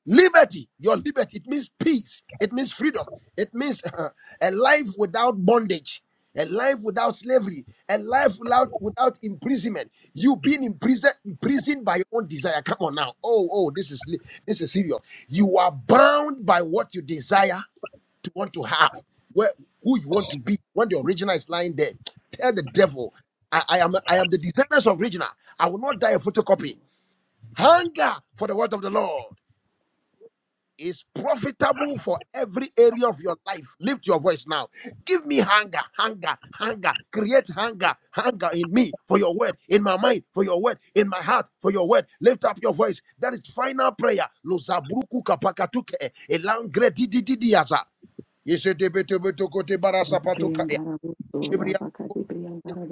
Liberty, your liberty, it means peace, it means freedom, it means uh, a life without bondage, a life without slavery, a life without without imprisonment. You being imprisoned, imprisoned by your own desire. Come on now. Oh, oh, this is li- this is serious. You are bound by what you desire to want to have, where who you want to be when the original is lying there. Tell the devil, I, I am I am the descendants of original. I will not die a photocopy. Hunger for the word of the Lord is profitable for every area of your life. Lift your voice now. Give me hunger, hunger, hunger. Create hunger, hunger in me for your word, in my mind for your word, in my heart for your word. Lift up your voice. That is final prayer. Lozabruku kapakatuke elangre didididiaza Yezedebetebeto kote barasa patokaya. Jibria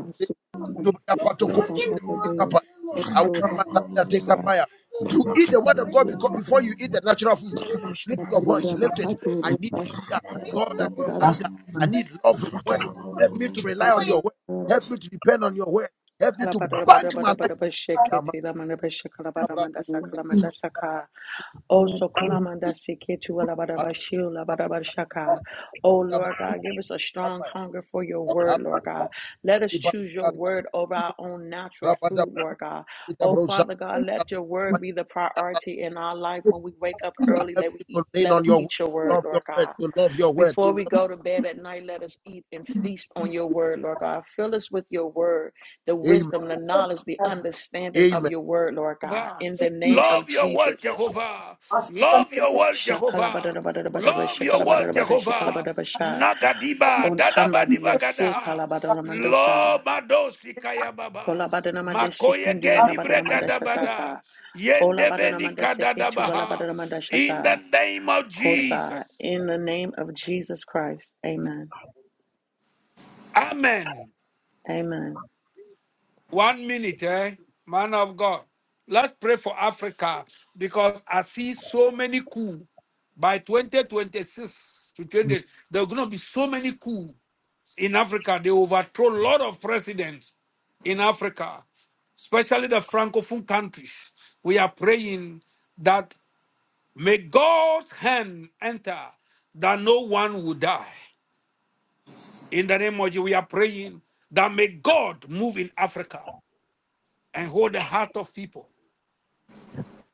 kote,
Looking
Zubria
for?
patoko,
Looking for?
tekapaya.
Looking for?
I will not pass up that
Looking
take up You eat the word of God beco- before you eat the natural food. Lift your voice, lift it. I need hunger. God, I
for?
need hunger.
Looking
I need love for your word.
for?
Help me to
Looking
rely on
for?
your word. Help me to depend on your word. Help me to bank my life. Yama, kabra, kapaya.
Kalabadabadabadabadabashaketilamandabashakalamadasakalamandasaka. Oh, so
Ashka,
kolamandasiketulabadabashilabadabashaka. Oh,
yama,
Lord God, give us a strong
kapaya.
hunger for your word,
Asti,
Lord God. Let us choose your
bakari,
word over our own natural
rabada,
food, Lord God.
bita,
Oh,
brosa,
Father God, let your word be the priority in our life. When we wake up early,
Help
let,
me
we eat,
to lean
let
on
us
your word,
eat your
to
word,
love your
Lord
word,
God.
to love your word, to
Before we
love.
go to bed at night, let us eat and feast on your word, Lord God. Fill us with your word the
Amen.
wisdom, the knowledge, the understanding of
Amen.
your word, Lord God,
Jehovah.
in the name of
Love your word,
Jesus.
Jehovah. Love your word, Jehovah.
Shakalabadadabadadabadada,
Love your word,
shakalabadadabada,
Jehovah.
shakalabadabasha.
Nagadiba, dadabadiba
Ontambadia,
gadaha. Lo
sekalabadanamandosa.
madosi kayababa. Makoye geni
Kolabadanamandasekendualabadanamandash- Kendualabadanamadashasaka.
bregadabada. Yendebeni kadadabaha. In the
Olabadanamandaseketualabadanamadashasa.
name of
Kosa.
Jesus.
In the name of Jesus Christ. Amen.
Amen.
Amen.
One minute, eh? Man of God. Let's pray for Africa because I see so many coup by 2026 to 20. There are going to be so many coup in Africa. They overthrow a lot of presidents in Africa, especially the Francophone countries. We are praying that may God's hand enter that no one will die. In the name of Jesus, we are praying that may God move in Africa and hold the heart of people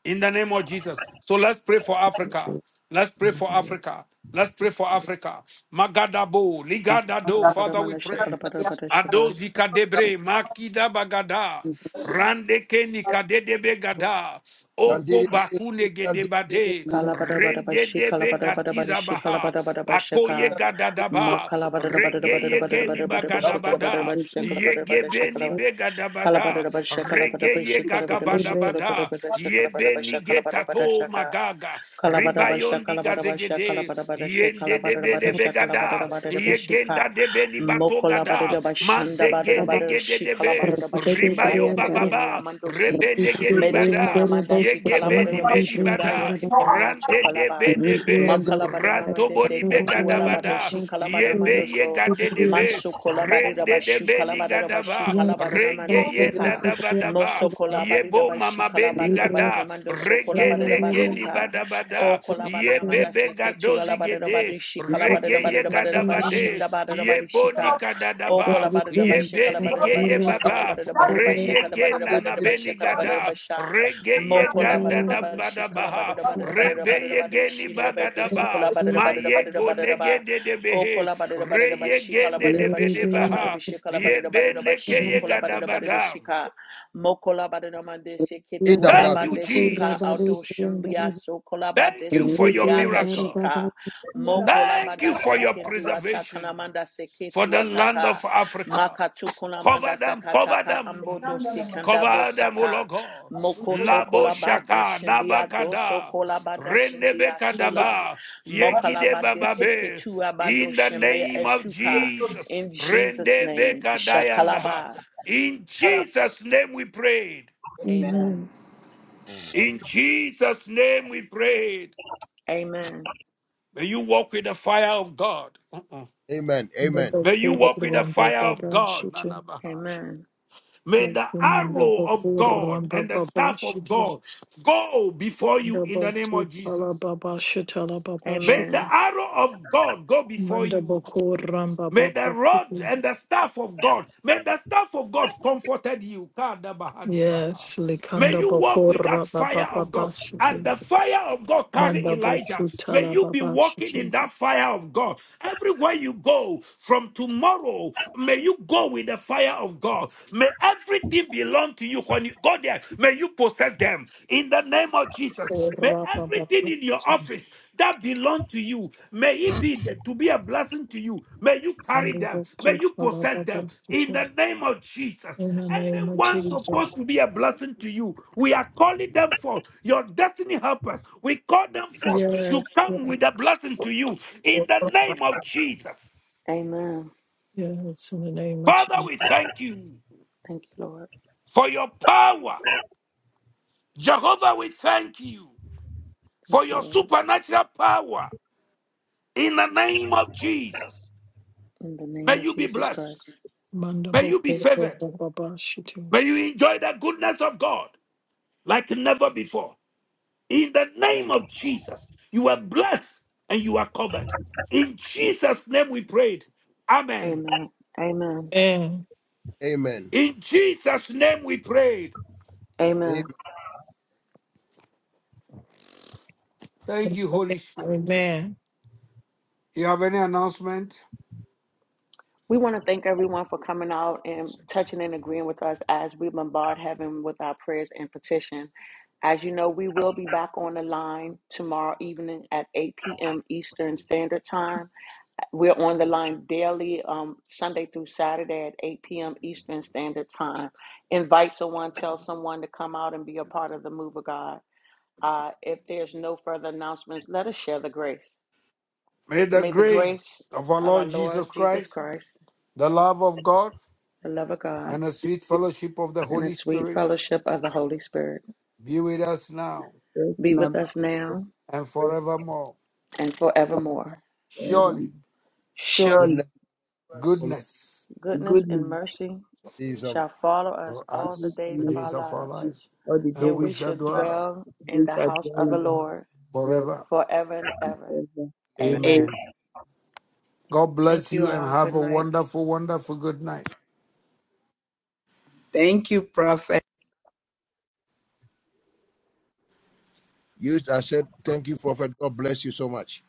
in the name of Jesus. So let's pray for Africa. Let's pray for Africa. Let's pray for Africa. Magadabo, Ligadado, Father, we
Kalabadamandash-
pray.
kalabadabadashaka.
Ados Vikadebre, Makida Bagada, Randeke Nikadebe Gada, Oko Bakune Gedebade, Rende
Kalabadabadabashi,
Debe Gatiza
kalabadabadabashi,
Baha akoye
kalabadabadabashaka.
gadadaba rege yegeni
Makalabadabadabadabadabadabadabashi,
bagadabada
kalabadabadabashi, kalabadabadabashi,
yegebeni
kalaba-
begadabada
kalabadabadabashi,
rege
kalabadabadabashi, kalabadabadabashi,
Rebrianda,
yegagabadabada
kalabadabadabashi,
yebeni getato
kalabadabadabashaka.
magaga
Kalabarabasha,
ribayondi
Kalabarabasha,
gazegede yende debede
Kalabarabasha,
begada
Kalabarabasha,
yegenda
Kalabarabashika,
debeli batogada
Mokolabarabashanda,
mazegene
Barabashi,
gededebe
Kalabarabashunda,
ribayo
Yatekeni
bababa
Amandosi,
rebenegedi bada
Metukuna Mandashi,
yegebeni bedi
Kalabarabashunda,
bada
Yatekemi
Rande de
Chokolaba,
be de be, ranto boni
Makalabarinamandese,
be
Ketu,
gadabada,
Alabadashi,
yebe ye
Kalabaramandoso,
gade de be, rende de
Matsukolabarabashu,
be ni
Kalabarabashi,
gadaba, renge yenda
Kalabaranamandesika,
dabadaba, yebo
Mosokolabarabashi,
mama be ni gada,
Kalabarabaramandoso,
rege nege ni
Kolabarabashika, Oh,
badabada,
kalabada, nama
yebe be
dasi ke tu
gadozi
kalabada,
gede,
babadisi kalabada,
rege ye
babadada babadada babadisi nda
gadabade,
babadada babadisi
yebo ni
ka. Oh,
kadadaba,
kalabada, babadisi
yebe ni
kalabada,
geye
babadisi
baba,
kalabada, babadada
re
babadisi
ye ge
kalabada,
nana
babadada
be
babadisi
ni
kalabada,
gada,
babasha.
rege ye ganda
Mokolabada, babadisi kalabada,
dabadaba,
babadada babadada
Rebeyegeni
babadisi nebetis
bagadaba,
ukolabada, babadada babadada
mayego
babadaba.
negede de de
Oh,
behe,
kalabada, babadisi
reyegende
kalabada,
de
babadisi kalabada,
bedebaha,
babadada
yebeneke
babadisi ukolabada,
yegadabada.
babadisi ka. Mokola Badanamande
In
Seketu
the brass.
Thank you,
Alabade Shika Aldo
Jesus.
Shimbia Sokolabade
Thank you for your
Sindiriata
miracle.
Shika Mokola
Thank
Bada
you for your
Sekendu
preservation.
Atakanamanda
for
Seketu
the land of
Ataka
Africa.
makatu Makatukunamanda
Cover them, cover
Sakataka Ambodo
them,
Sekanda
cover them, O
Bosaka
Lord God.
Mokoto
Labo
Kolabade
Shaka,
Shindia Doso
Nabakada,
Kolabada Shindia Sola
Renebekadaba, Yegide
Mokalabade
Bababe,
Seketu Abado
in the
Shimbe
name of
Esuka
Jesus.
in Jesus' name
Rendebekadayanda.
Shakalaba
In Jesus' name we prayed.
Amen.
Amen.
In Jesus' name we prayed.
Amen.
May you walk with the fire of God. Uh-uh.
Amen. Amen.
boko
May you walk with the
ramba
fire of God.
babashite.
Nanabaha.
Amen.
May the
Lakumanda
arrow of
boko
God
ramba
and the staff of
babashite.
God go before you
Manda
in the name
bosu
of Jesus. May
talababashite.
the
Amen.
arrow of God go before
Manda
you.
bokora ramba
May the
baba
rod
shiki.
and the staff of God, may the staff of God comforted you. Kadabahadibaha.
Yes,
May
likanda
you walk with
bokora
that
ramba
fire
baba
of God.
baba
As
shiki.
the fire of God carried
Manda
Elijah,
bosuta
may
la
you be
baba
walking
shiki.
in that fire of God. Everywhere you go from tomorrow, may you go with the fire of God. May everything belong to you when you go there. May you possess them in the name of Jesus. May
Ora baba
everything
baba
in your
shiki.
office that belong to you. May it be that- to be a blessing to you. May you carry
Manda
them. May
bosuta
you
la
possess them
baba
in
shiki.
the name of Jesus.
In the name of
Anyone supposed
Jesus.
to be a blessing to you, we are calling them forth. Your destiny helpers, we call them forth
Yes,
to come with
yes,
a blessing to you in the
ora baba.
name of Jesus.
Amen.
yes, in the name of
Father,
Jesus.
we thank you
Thank you, Lord.
for your power. Jehovah, we thank you
Thank
for
you,
your
Lord.
supernatural power in the name of Jesus.
In the name
May
of
you be
Jesus Christ.
blessed.
Manda
May you be
bokora
favored.
ramba baba shiki.
May you enjoy the goodness of God like never before. In the name of Jesus, you are blessed and you are covered. In Jesus' name we prayed. Amen.
Amen. Amen.
Amen.
Amen.
In Jesus' name we prayed.
Amen.
Amen.
Thank you, Holy Spirit.
Amen.
You have any announcement?
We want to thank everyone for coming out and touching and agreeing with us as we bombard heaven with our prayers and petition. As you know, we will be back on the line tomorrow evening at 8 p.m. Eastern Standard Time. We're on the line daily, um, Sunday through Saturday at 8 p.m. Eastern Standard Time. Invite someone, tell someone to come out and be a part of the move of God. Uh, if there's no further announcements, let us share the grace.
May the
May the grace
grace of our
of our
Lord
Lord
Jesus
Jesus
Christ,
Christ,
the love of God,
the love of God,
and the sweet
with
fellowship of the
and the
Holy
sweet
Spirit
fellowship of the Holy Spirit
be with us now
rest
be
and
with
abundance
us now
and forevermore.
and forevermore.
forever.
Surely
Surely,
Surely
Goodness follow
goodness
goodness
goodness,
and mercy
these of
shall follow us
for
all the
goodness
us
and
days
the
of
mercy
our
days of our
lives
follow us
lives,
all the
and
and
days
we
of
we
shall
should
dwell
dwell in
which
the
I
house of
dwell
the
in the house
Lord
of the Lord
forever.
forever and ever.
forever.
Amen.
Amen.
Amen.
Amen. God
Thank
bless
you
you and
all.
have
Good
a
night.
wonderful, wonderful good night.
thank you, Prophet.
You I said, thank you, Prophet. God bless you so much.